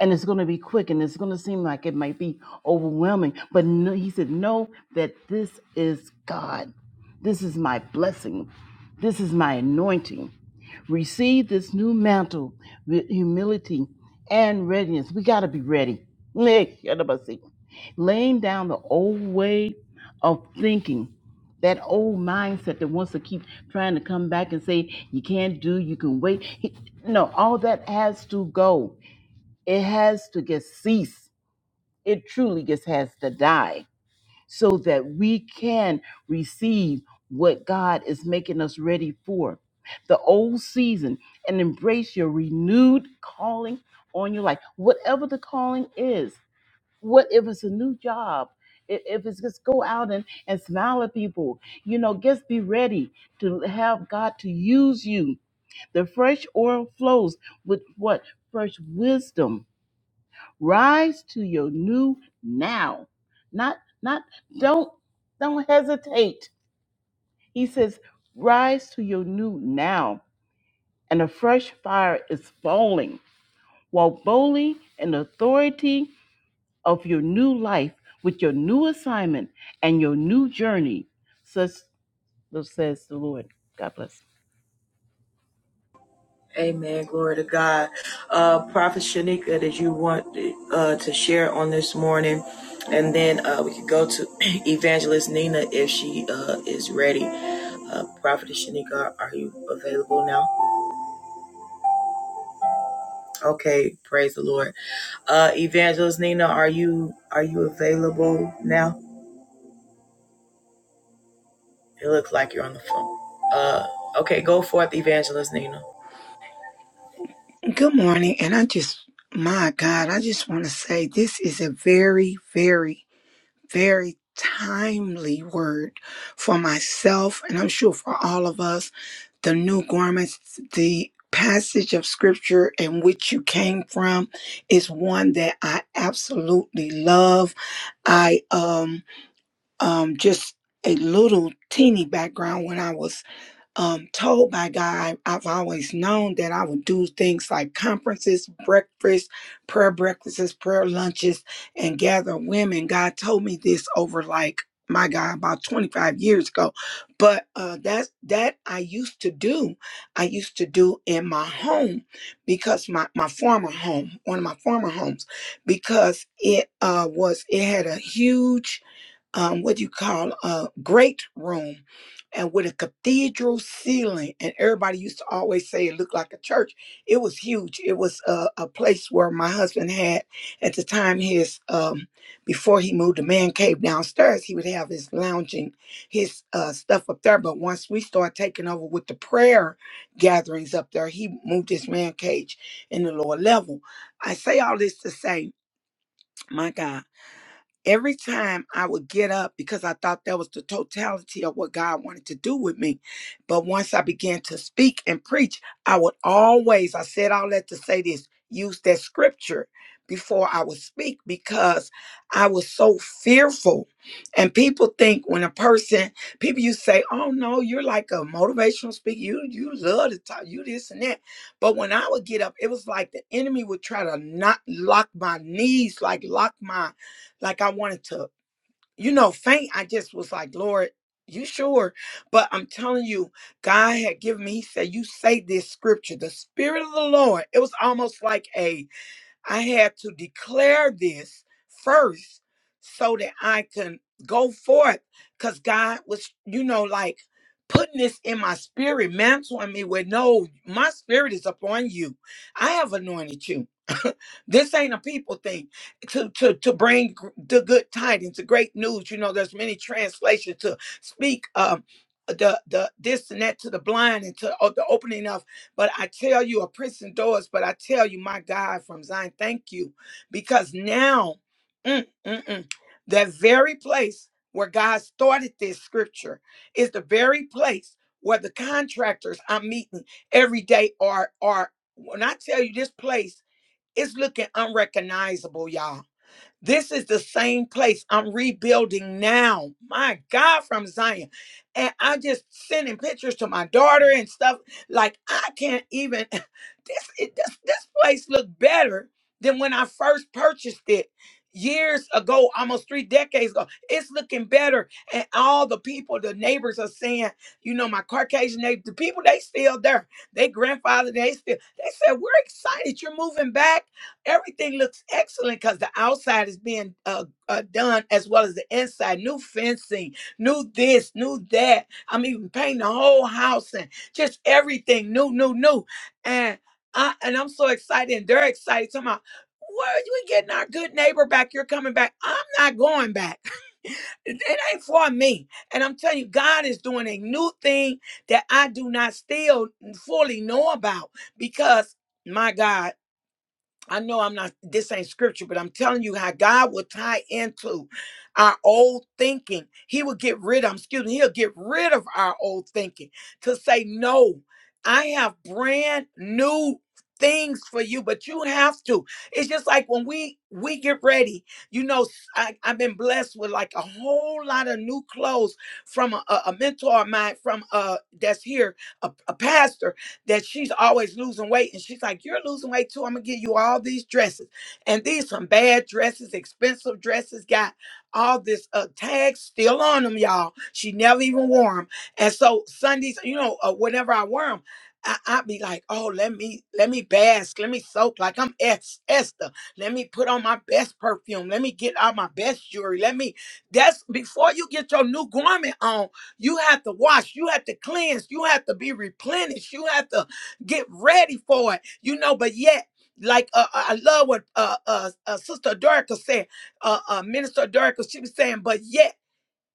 Speaker 7: and it's going to be quick and it's going to seem like it might be overwhelming. But no, he said, know that this is God. This is my blessing. This is my anointing receive this new mantle with humility and readiness. We got to be ready. Nick, get up and see. Laying down the old way of thinking, that old mindset that wants to keep trying to come back and say, you can't do, you can wait. He- No, all that has to go. It has to get ceased. It truly just has to die so that we can receive what God is making us ready for. The old season and embrace your renewed calling on your life, whatever the calling is. What if it's a new job? I- If it's just go out and, and smile at people, you know, just be ready to have God to use you. The fresh oil flows with what? Fresh wisdom Rise to your new now. Not not don't don't hesitate. He says, "Rise to your new now." And a fresh fire is falling. Walk boldly in the authority of your new life with your new assignment and your new journey. Such says the Lord. God bless.
Speaker 1: Amen. Glory to God. Uh, Prophet Shanika, did you want uh, to share on this morning? And then uh, we could go to Evangelist Nina if she uh, is ready. Uh, Prophet Shanika, are you available now? Okay, praise the Lord. Uh, Evangelist Nina, are you are you available now? It looks like you're on the phone. Uh, okay, go forth, Evangelist Nina.
Speaker 5: Good morning, and I just, my God, I just want to say this is a very, very, very timely word for myself, and I'm sure for all of us. The new garments, the passage of scripture in which you came from is one that I absolutely love. I, um, um, just a little teeny background when I was um, told by God, I've always known that I would do things like conferences, breakfast, prayer breakfasts, prayer lunches, and gather women. God told me this over like my God about 25 years ago, but uh, that's that I used to do. I used to do in my home because my my former home, one of my former homes, because it uh, was it had a huge um, what do you call a great room and with a cathedral ceiling and everybody used to always say it looked like a church it was huge it was a, a place where my husband had at the time his um, before he moved the man cave downstairs he would have his lounging his uh, stuff up there but once we started taking over with the prayer gatherings up there he moved his man cage in the lower level i say all this to say my god every time I would get up because I thought that was the totality of what God wanted to do with me. But once I began to speak and preach, I would always, I said all that to say this, use that scripture before I would speak because I was so fearful. And people think when a person, people you say, oh no, you're like a motivational speaker. You you love to talk, you this and that. But when I would get up, it was like the enemy would try to not lock my knees, like lock my like I wanted to, you know, faint. I just was like, Lord, you sure? But I'm telling you, God had given me, He said, You say this scripture, the Spirit of the Lord. It was almost like a I had to declare this first so that I can go forth because God was, you know, like putting this in my spirit, mantling me with no, my spirit is upon you. I have anointed you. this ain't a people thing to to to bring gr- the good tidings the great news you know there's many translations to speak um the the this and that to the blind and to o- the opening of but I tell you, a prison doors, but I tell you, my God from Zion, thank you. Because now, mm, mm, mm, that very place where God started this scripture is the very place where the contractors I'm meeting every day are are when I tell you this place is looking unrecognizable, y'all this is the same place I'm rebuilding now. My God, from Zion. And I am just sending pictures to my daughter and stuff. Like I can't even this it, this, this place look better than when I first purchased it years ago, almost three decades ago. It's looking better. And all the people, the neighbors are saying, you know, my Caucasian neighbors, the people they still there. They grandfather, they still they said, We're excited you're moving back Everything looks excellent because the outside is being uh, uh, done as well as the inside. New fencing, new this, new that. I'm even painting the whole house and just everything new, new, new. And I and I'm so excited, and they're excited. Talking about where are we getting our good neighbor back? You're coming back. I'm not going back. It it ain't for me. And I'm telling you, God is doing a new thing that I do not still fully know about because my God. I know I'm not, this ain't scripture, but I'm telling you how God will tie into our old thinking. He will get rid of, excuse me, he'll get rid of our old thinking to say, no, I have brand new things for you but you have to it's just like when we we get ready you know s- I, have been blessed with like a whole lot of new clothes from a, a a mentor of mine from uh that's here a, a pastor that she's always losing weight. And she's like, You're losing weight too. I'm gonna give you all these dresses. And these some bad dresses, expensive dresses, got all this uh tags still on them, y'all. She never even wore them. And so Sundays, you know, uh, whenever I wear them, I, I be like, oh, let me let me bask, let me soak like I'm Es- Esther. Let me put on my best perfume. Let me get out my best jewelry. Let me. That's before you get your new garment on. You have to wash. You have to cleanse. You have to be replenished. You have to get ready for it. You know, but yet, like uh, uh, I love what uh, uh, uh, Sister Dorica said, uh, uh, Minister Dorica, she was saying, but yet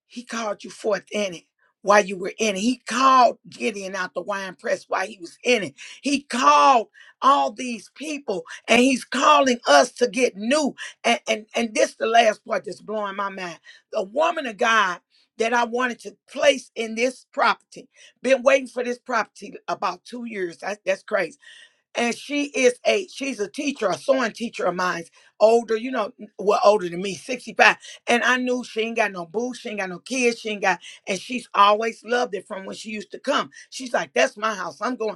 Speaker 5: he called you forth in it while you were in it. He called Gideon out the wine press while he was in it. He called all these people and he's calling us to get new. And and, and this the last part that's blowing my mind. The woman of God that I wanted to place in this property, been waiting for this property about two years. That- that's crazy and she is a she's a teacher a sewing teacher of mine older you know well older than me 65 and i knew she ain't got no boo she ain't got no kids she ain't got and she's always loved it from when she used to come she's like that's my house i'm going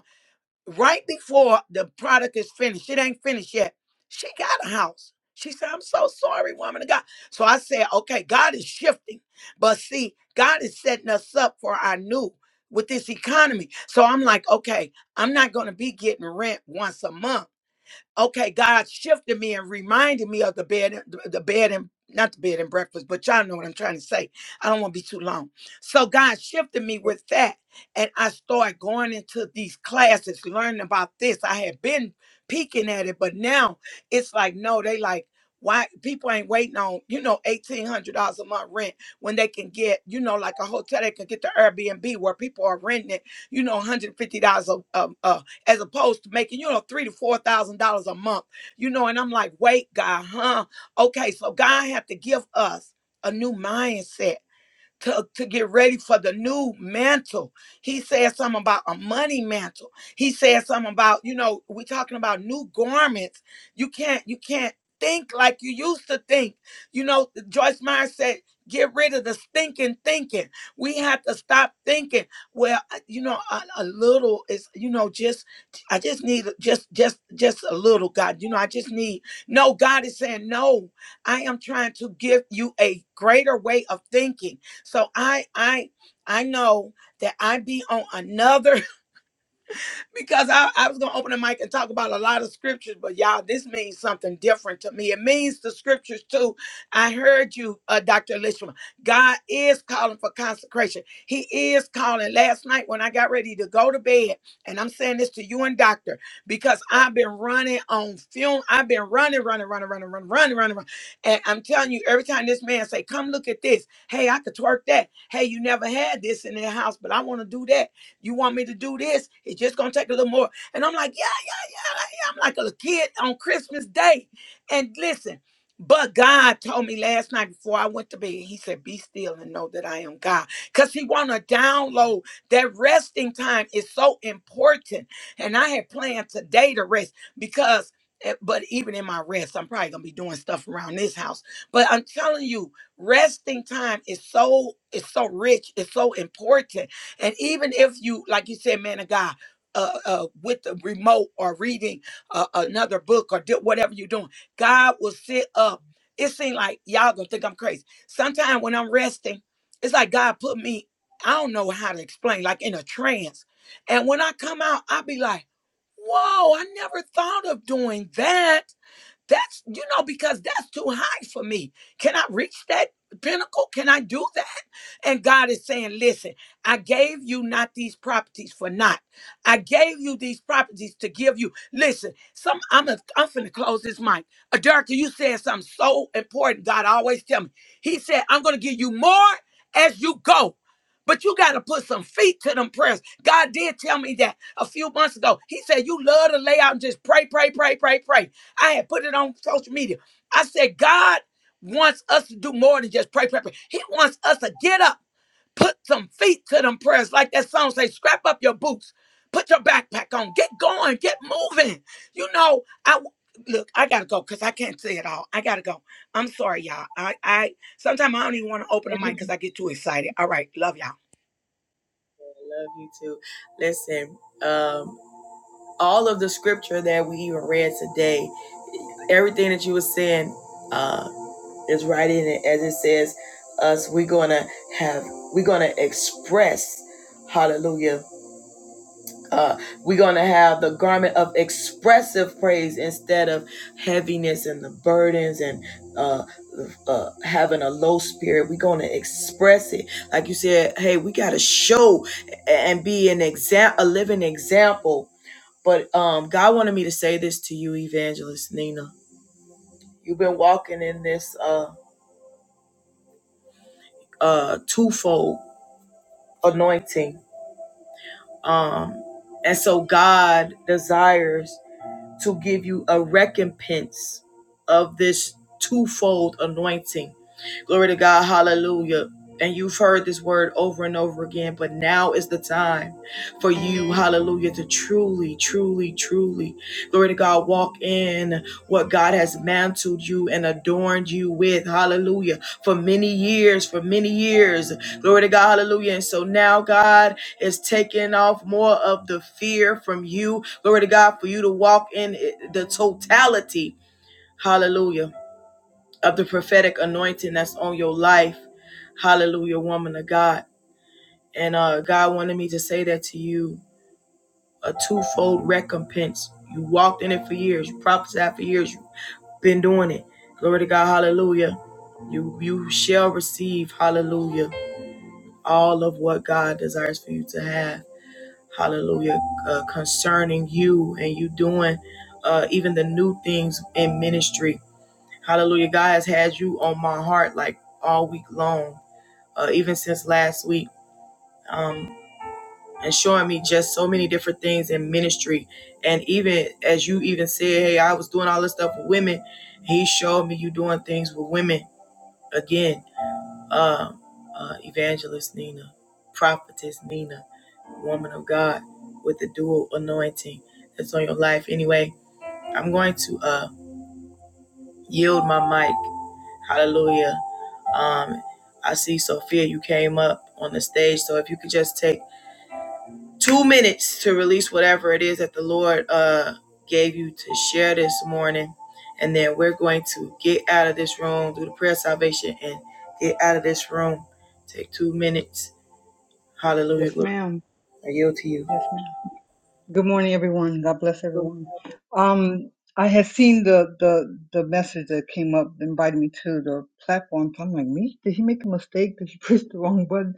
Speaker 5: right before the product is finished. It ain't finished yet. She got a house. She said, I'm so sorry, woman of God. So I said, okay, God is shifting. But see, God is setting us up for our new with this economy. So I'm like, okay, I'm not going to be getting rent once a month okay, God shifted me and reminded me of the bed, the bed and not the bed and breakfast, but y'all know what I'm trying to say. I don't want to be too long. So God shifted me with that, and I started going into these classes, learning about this. I had been peeking at it, but now it's like, no, they like why people ain't waiting on you know eighteen hundred dollars a month rent when they can get you know like a hotel they can get the Airbnb where people are renting it you know one hundred fifty dollars a, a, a as opposed to making, you know, three to four thousand dollars a month. You know, and I'm like, wait, God, huh? Okay, so God have to give us a new mindset to, to get ready for the new mantle. He said something about a money mantle. He said something about, you know, we're talking about new garments. You can't, you can't think like you used to think. You know, Joyce Meyer said, get rid of the stinking thinking. We have to stop thinking. Well, I- you know, a, a little is, you know, just I just need a- just just just a little God. You know, I just need no God is saying, No, I am trying to give you a greater way of thinking. So I I I know that I be on another because I, I was gonna open the mic and talk about a lot of scriptures, but y'all, this means something different to me. It means the scriptures too. I heard you, uh, Dr. Lishman. God is calling for consecration. He is calling. Last night when I got ready to go to bed, and I'm saying this to you and Doctor, because I've been running on film. I've been running, running, running, running, running, running, running, running. And I'm telling you, every time this man say, "Come look at this," hey, I could twerk that. Hey, you never had this in the house, but I want to do that. You want me to do this? It's just gonna take a little more. And I'm like, I'm like a kid on Christmas Day. And listen, but God told me last night before I went to bed, He said, Be still and know that I am God. Because He want to download that resting time is so important. And I had planned today to rest because, eh, but even in my rest, I'm probably going to be doing stuff around this house. But I'm telling you, resting time is so, it's so rich, it's so important. And even if you, like you said, man of God, uh, uh, with the remote or reading uh, another book or do whatever you're doing. God will sit up. It seems like y'all gonna think I'm crazy. Sometimes when I'm resting, it's like God put me, I don't know how to explain, like in a trance. And when I come out, i be like, whoa, I never thought of doing that that's, you know, because that's too high for me. Can I reach that pinnacle? Can I do that? And God is saying, listen, I gave you not these properties for naught. I gave you these properties to give you. Listen, some I'm a, I'm finna close this mic. Aderica, you said something so important. God always tell me. He said, I'm gonna give you more as you go. But you gotta put some feet to them prayers. God did tell me that a few months ago. He said, You love to lay out and just pray, pray, pray, pray, pray. I had put it on social media. I said, God wants us to do more than just pray, pray, pray. He wants us to get up, put some feet to them prayers. Like that song says, scrap up your boots, put your backpack on, get going, get moving. You know, I look, I gotta go because I can't say it all. I gotta go. I'm sorry, y'all. I I sometimes I don't even want to open the mic because I get too excited. All right, love y'all.
Speaker 1: Love you too. Listen, um, all of the scripture that we even read today, everything that you were saying, uh, is right in it. As it says, us we're gonna have we're gonna express, Hallelujah uh, we're going to have the garment of expressive praise instead of heaviness and the burdens and uh, uh, having a low spirit. We're going to express it. Like you said, hey, we got to show and be an example, a living example. But um, God wanted me to say this to you, Evangelist Nina. You've been walking in this uh, uh, twofold anointing. Um, and so God desires to give you a recompense of this twofold anointing Glory to God. Hallelujah. And you've heard this word over and over again, but now is the time for you, hallelujah, to truly, truly, truly, glory to God, walk in what God has mantled you and adorned you with, hallelujah, for many years, for many years, glory to God, hallelujah. And so now God is taking off more of the fear from you, glory to God, for you to walk in it- the totality, hallelujah of the prophetic anointing that's on your life. Hallelujah, woman of God. And uh, God wanted me to say that to you a twofold recompense. You walked in it for years, you prophesied for years, you've been doing it. Glory to God, hallelujah. You you shall receive, hallelujah, all of what God desires for you to have. Hallelujah. Uh, concerning you and you doing uh, even the new things in ministry. Hallelujah. God has had you on my heart like all week long. uh, even since last week, um, and showing me just so many different things in ministry. And even as you even said, hey, I was doing all this stuff with women. He showed me you doing things with women again. Um, uh, evangelist Nina, prophetess Nina, woman of God with the dual anointing that's on your life. Anyway, I'm going to uh, yield my mic. Hallelujah. Um, I see Sophia, you came up on the stage. So if you could just take two minutes to release whatever it is that the Lord uh, gave you to share this morning. And then we're going to get out of this room, do the prayer of salvation, and get out of this room. Take two minutes. Hallelujah.
Speaker 8: Yes, ma'am. Yes, ma'am. Good morning, everyone. God bless everyone. Um, I had seen the the the message that came up inviting me to the platform. So I'm like, me? Did he make a mistake? Did he push the wrong button?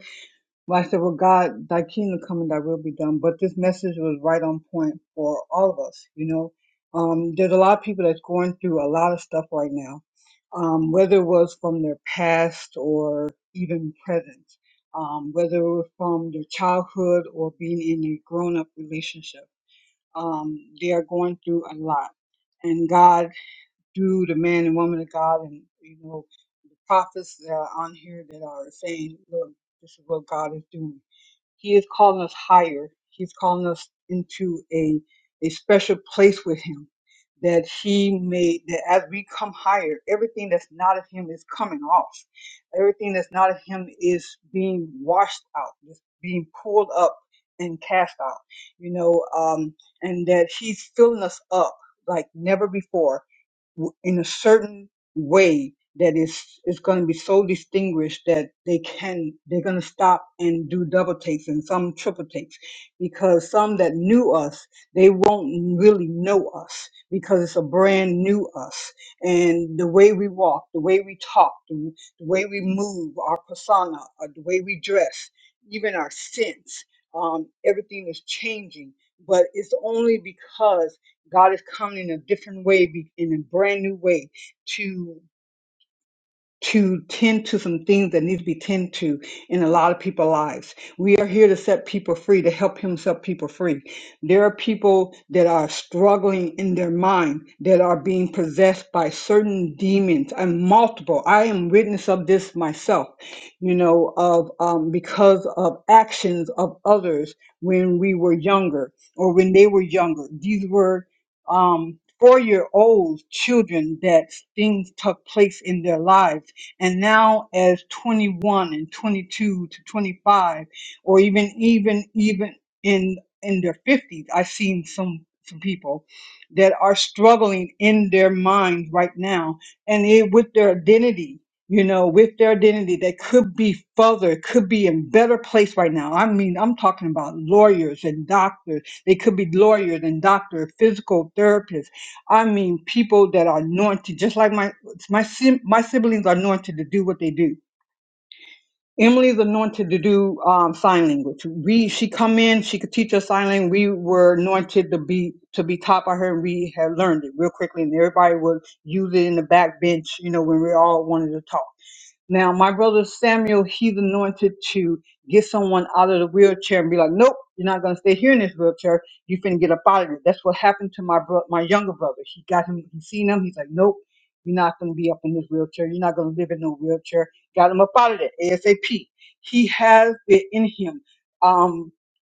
Speaker 8: Well, I said, Well, God, thy kingdom come and thy will be done. But this message was right on point for all of us, you know. Um, there's a lot of people that's going through a lot of stuff right now, um, whether it was from their past or even present, um, whether it was from their childhood or being in a grown up relationship. Um, they are going through a lot. And God, through the man and woman of God, and you know, the prophets that are on here that are saying, Look, this is what God is doing he is calling us higher. He's calling us into a, a special place with him that he made that as we come higher, everything that's not of him is coming off. Everything that's not of him is being washed out, is being pulled up and cast out, you know, um, and that he's filling us up like never before w- in a certain way that is is going to be so distinguished that they can they're going to stop and do double takes and some triple takes because some that knew us they won't really know us because it's a brand new us and the way we walk the way we talk the, the way we move our persona uh, the way we dress even our sense um, everything is changing but it's only because God is coming in a different way, be- in a brand new way to to tend to some things that need to be tended to in a lot of people's lives. We are here to set people free, to help him set people free. There are people that are struggling in their mind, that are being possessed by certain demons and multiple. I am witness of this myself, you know, of um, because of actions of others when we were younger or when they were younger. These were um, four year old children that things took place in their lives and now as 21 and 22 to 25 or even even even in in their 50s i've seen some some people that are struggling in their mind right now and it, with their identity you know with their identity they could be further could be in better place right now i mean i'm talking about lawyers and doctors they could be lawyers and doctors physical therapists i mean people that are anointed just like my my sim- my siblings are anointed to do what they do. Emily's anointed to do um, sign language. We she come in, she could teach us sign language. We were anointed to be to be taught by her, and we had learned it real quickly. And everybody would use it in the back bench, you know, when we all wanted to talk. Now, my brother Samuel, he's anointed to get someone out of the wheelchair and be like, "Nope, you're not gonna stay here in this wheelchair. You finna get up out of it." That's what happened to my bro- my younger brother. He got him. He seen him. He's like, "Nope, you're not gonna be up in this wheelchair. You're not gonna live in no wheelchair." Got him up out of it ASAP. He has it in him. Um,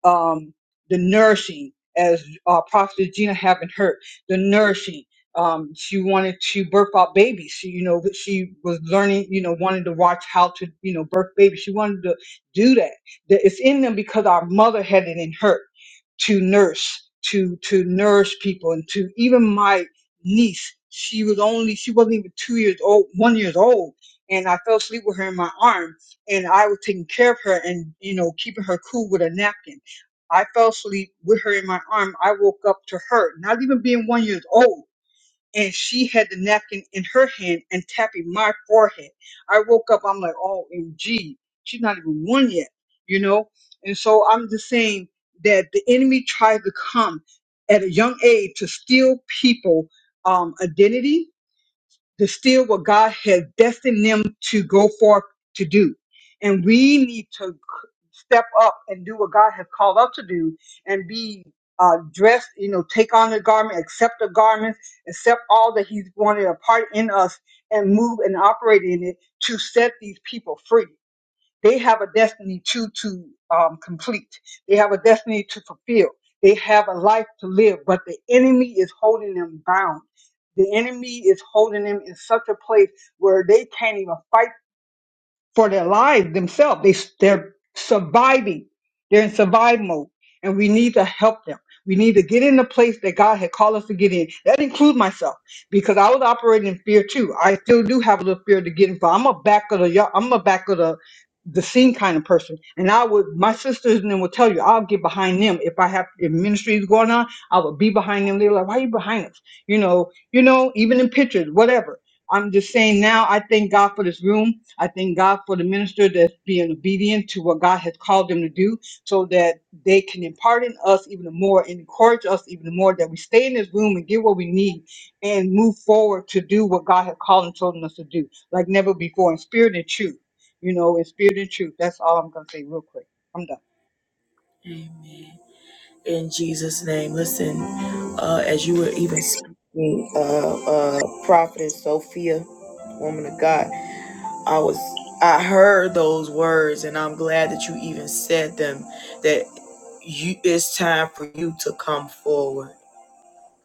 Speaker 8: um, the nourishing, as uh, Prophet Gina haven't heard, the nourishing um, she wanted to birth out babies. She, you know, she was learning, you know, wanted to watch how to, you know, birth babies. She wanted to do that. That it's in them because our mother had it in her to nurse, to to nourish people, and to even my niece. She was only she wasn't even two years old, one years old, and I fell asleep with her in my arm, and I was taking care of her and you know keeping her cool with a napkin. I fell asleep with her in my arm. I woke up to her, not even being one years old and she had the napkin in her hand and tapping my forehead. I woke up, I'm like, oh, M.G. she's not even one yet, you know? And so I'm just saying that the enemy tries to come at a young age to steal people um, identity, distill what God has destined them to go forth to do. And we need to step up and do what God has called us to do and be uh, dressed, you know, take on the garment, accept the garments, accept all that He's wanted apart in us and move and operate in it to set these people free. They have a destiny to to um, complete. They have a destiny to fulfill. They have a life to live, but the enemy is holding them bound. The enemy is holding them in such a place where they can't even fight for their lives themselves. They, they're surviving. They're in survive mode, and we need to help them. We need to get in the place that God had called us to get in. That includes myself, because I was operating in fear too. I still do have a little fear to get in. But I'm a back of the yard- I'm a back of the the scene kind of person, and I would my sisters and them would tell you I'll get behind them if I have if ministry is going on. I would be behind them. They're like, why are you behind us? You know, you know, even in pictures, whatever. I'm just saying now. I thank God for this room I thank God for the minister that's being obedient to what God has called them to do so that they can impart in us even more and encourage us even more that we stay in this room and get what we need and move forward to do what God has called and chosen us to do like never before in spirit and truth. You know, in spirit and truth. That's all I'm going to say real quick. I'm done.
Speaker 1: In Jesus' name. Listen, uh, as you were even speaking, uh, uh, Prophetess Sophia, woman of God, I was. I heard those words, and I'm glad that you even said them. That you, it's time for you to come forward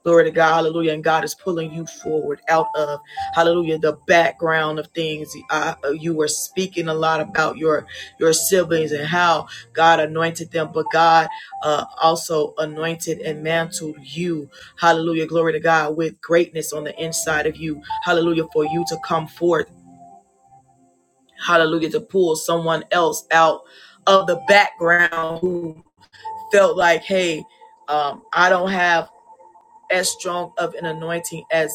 Speaker 1: Glory to God, hallelujah. And God is pulling you forward out of, hallelujah, the background of things. Uh, you were speaking a lot about your, your siblings and how God anointed them, but God uh, also anointed and mantled you, hallelujah, glory to God, with greatness on the inside of you, hallelujah, for you to come forth, hallelujah, to pull someone else out of the background who felt like, hey, um, I don't have as strong of an anointing as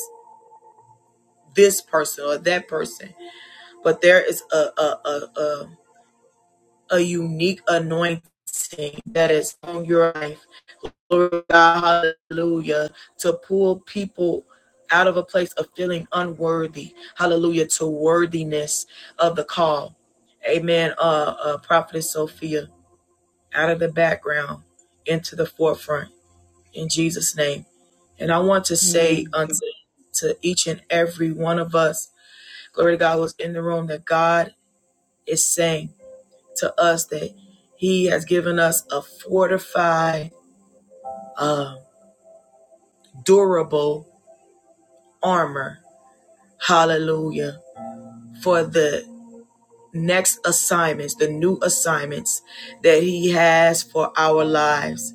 Speaker 1: this person or that person, but there is a a a a, a unique anointing that is on your life. Glory to God, hallelujah, to pull people out of a place of feeling unworthy, hallelujah, to worthiness of the call. Amen. Uh, uh prophetess Sophia out of the background into the forefront in Jesus' name. And I want to say
Speaker 8: Amen.
Speaker 1: unto to each and every one of us, glory to God was in the room that God is saying to us that he has given us a fortified, uh, durable armor. Hallelujah. For the next assignments, the new assignments that he has for our lives.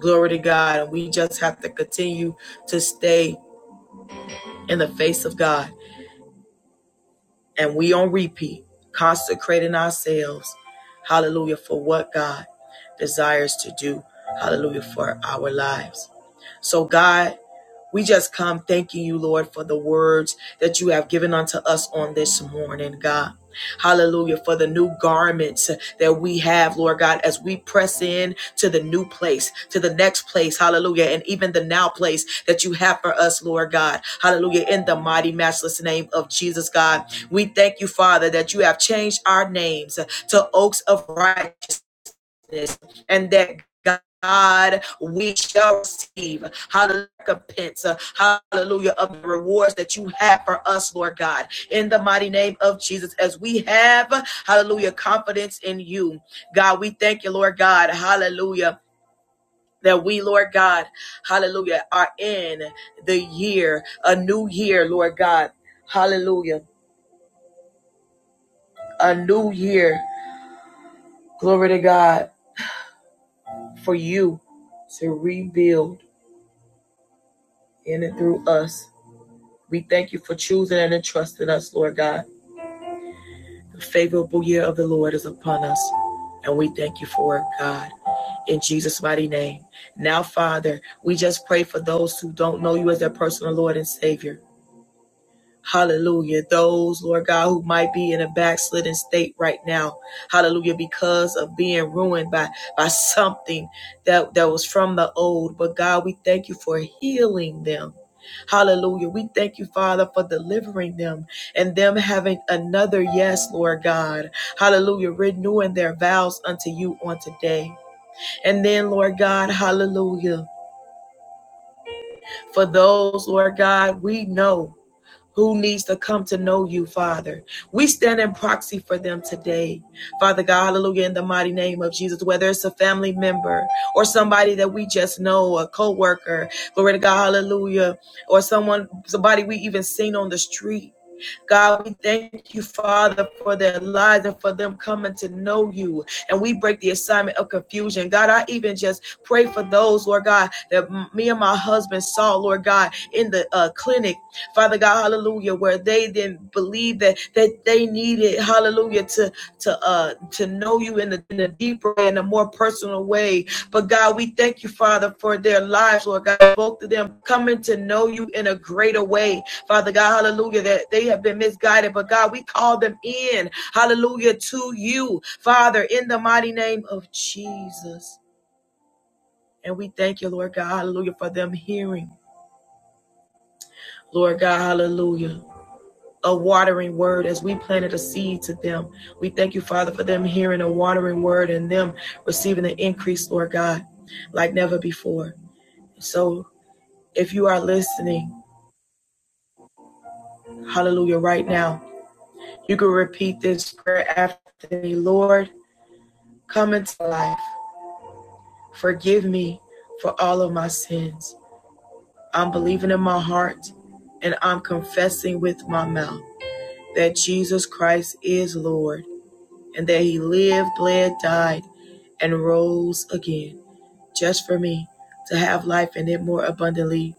Speaker 1: Glory to God. And we just have to continue to stay in the face of God. And we on repeat, consecrating ourselves. Hallelujah. For what God desires to do. Hallelujah. For our lives. So God We just come thanking you, Lord, for the words that you have given unto us on this morning, God. Hallelujah. For the new garments that we have, Lord God, as we press in to the new place, to the next place. Hallelujah. And even the now place that you have for us, Lord God. Hallelujah. In the mighty, matchless name of Jesus, God. We thank you, Father, that you have changed our names to oaks of righteousness this and that God, we shall receive, hallelujah, recompense, uh, hallelujah, of the rewards that you have for us, Lord God, in the mighty name of Jesus, as we have, hallelujah, confidence in you. God, we thank you, Lord God, hallelujah. That we, Lord God, hallelujah, are in the year, a new year, Lord God, hallelujah, a new year, glory to God, for you to rebuild in and through us. We thank you for choosing and entrusting us, Lord God. The favorable year of the Lord is upon us, and we thank you for it, God. In Jesus' mighty name. Now, Father, we just pray for those who don't know you as their personal Lord and Savior. Hallelujah. Those, Lord God, who might be in a backslidden state right now. Hallelujah. Because of being ruined by, by something that, that was from the old. But God, we thank you for healing them. Hallelujah. We thank you, Father, for delivering them and them having another yes, Lord God. Hallelujah. Renewing their vows unto you on today. And then, Lord God, hallelujah. For those, Lord God, we know who needs to come to know you, Father. We stand in proxy for them today. Father God, hallelujah, in the mighty name of Jesus, whether it's a family member or somebody that we just know, a co-worker, glory to God, hallelujah, or someone, somebody we even seen on the street. God, we thank you, Father, for their lives and for them coming to know you. And we break the assignment of confusion. God, I even just pray for those, Lord God, that me and my husband saw, Lord God, in the uh, clinic, Father God, hallelujah, where they didn't believe that that they needed, hallelujah, to to uh to know you in the, in a deeper and a more personal way but God, we thank you, Father, for their lives, Lord God. Both of them coming to know you in a greater way, Father God. Hallelujah. That they have been misguided, but God, we call them in, hallelujah, to you, Father, in the mighty name of Jesus. And we thank you, Lord God, hallelujah, for them hearing, Lord God, hallelujah. A watering word as we planted a seed to them. We thank you, Father, for them hearing a watering word and them receiving the increase, Lord God, like never before. So If you are listening, hallelujah, right now, you can repeat this prayer after me. Lord, come into life. Forgive me for all of my sins. I'm believing in my heart and I'm confessing with my mouth that Jesus Christ is Lord and that he lived, bled, died, and rose again just for me to have life in it more abundantly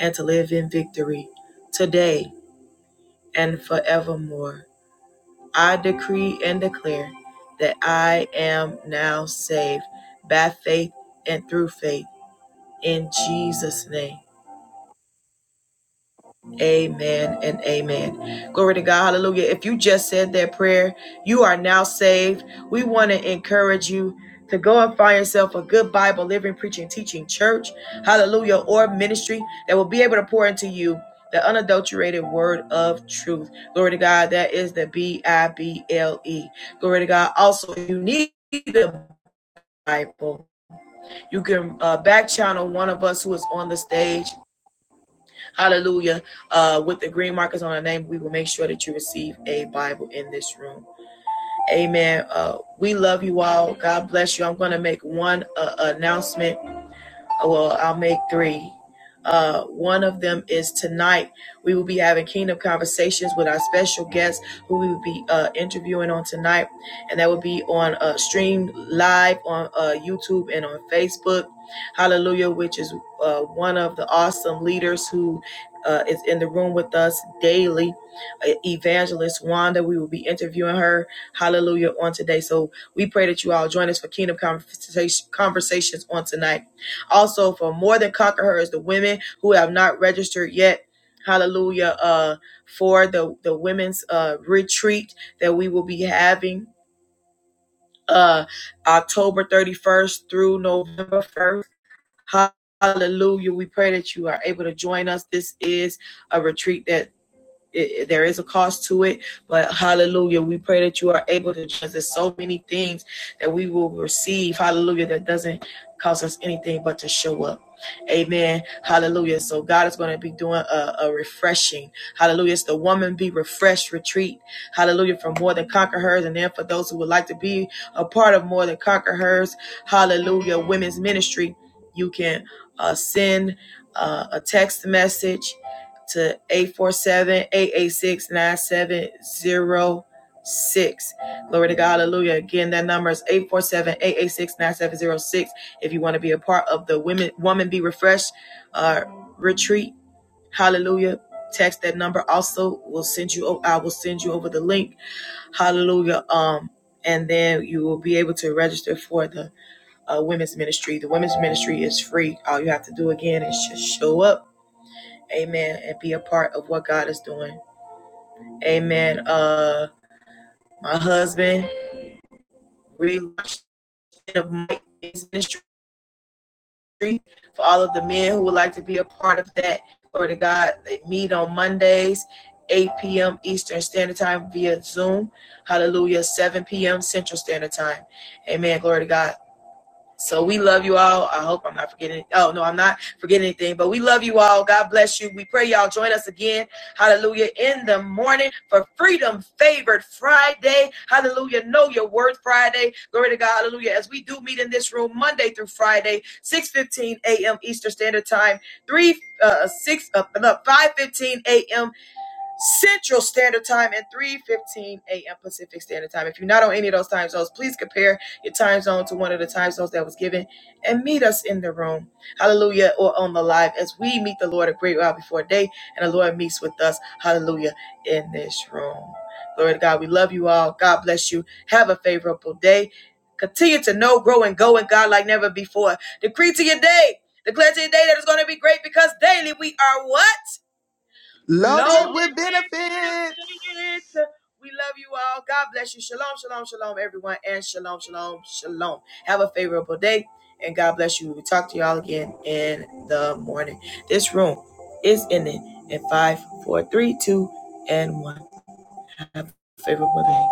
Speaker 1: and to live in victory today and forevermore. I decree and declare that I am now saved by faith and through faith in Jesus' name. Amen and amen. Glory to God. Hallelujah. If you just said that prayer, you are now saved. We want to encourage you to go and find yourself a good Bible, living, preaching, teaching church, hallelujah, or ministry that will be able to pour into you the unadulterated word of truth. Glory to God. That is the B I B L E. Glory to God. Also, if you need the Bible. You can uh, back channel one of us who is on the stage Hallelujah. Uh, with the green markers on our name, we will make sure that you receive a Bible in this room. Amen. Uh, we love you all. God bless you. I'm going to make one uh, announcement well, I'll make three. Uh, one of them is tonight. We will be having Kingdom Conversations with our special guest who we will be uh, interviewing on tonight. And that will be on uh, stream live on uh, YouTube and on Facebook. Hallelujah, which is uh, one of the awesome leaders who uh, is in the room with us daily. Uh, Evangelist Wanda, we will be interviewing her. Hallelujah on today. So we pray that you all join us for Kingdom Conversation- Conversations on tonight also for more than conquerors the women who have not registered yet hallelujah uh for the the women's uh retreat that we will be having uh october 31st through november 1st hallelujah we pray that you are able to join us this is a retreat that it, there is a cost to it, but hallelujah, we pray that you are able to judge. There's so many things that we will receive, hallelujah, that doesn't cost us anything but to show up. Amen. Hallelujah. So God is going to be doing a, a refreshing. Hallelujah. It's the woman be refreshed retreat. Hallelujah. From more than conquer hers. And then for those who would like to be a part of more than conquer hers, hallelujah, women's ministry, you can uh, send uh, a text message to eight four seven eight eight six nine seven zero six. Glory to God. Hallelujah. Again, that number is eight four seven eight eight six nine seven zero six. If you want to be a part of the Women Woman Be Refreshed uh, retreat, hallelujah. Text that number also. We'll send you I will send you over the link. Hallelujah. Um and then you will be able to register for the uh, women's ministry. The women's ministry is free. All you have to do again is just show up Amen. And be a part of what God is doing. Amen. Uh my husband, relaunching of Mike ministry for all of the men who would like to be a part of that. Glory to God. They meet on Mondays, 8 p.m. Eastern Standard Time via Zoom. Hallelujah. 7 p.m. Central Standard Time. Amen. Glory to God. So we love you all. I hope I'm not forgetting. Oh, no, I'm not forgetting anything, but we love you all. God bless you. We pray y'all join us again. Hallelujah. In the morning for Freedom Favored Friday. Hallelujah. Know your worth Friday. Glory to God. Hallelujah. As we do meet in this room Monday through Friday, 6:15 a.m. Eastern Standard Time, 3 uh, 6 uh, no, 5 a.m. Central Standard Time and 3:15 a.m. Pacific Standard Time. If you're not on any of those time zones, please compare your time zone to one of the time zones that was given and meet us in the room. Hallelujah or on the live as we meet the Lord a great while before day and the Lord meets with us. Hallelujah in this room. Glory to God. We love you all. God bless you. Have a favorable day. Continue to know, grow, and go in God like never before. Decree to your day. Declare to your day that it's going to be great because daily we are what?
Speaker 2: Loaded
Speaker 1: Loaded
Speaker 2: with benefits.
Speaker 1: with benefits. We love you all. God bless you. Shalom, shalom, shalom, everyone. And shalom, shalom, shalom. Have a favorable day. And God bless you. We we'll talk to y'all again in the morning. This room is ending in five, four, three, two, and one. Have a favorable day.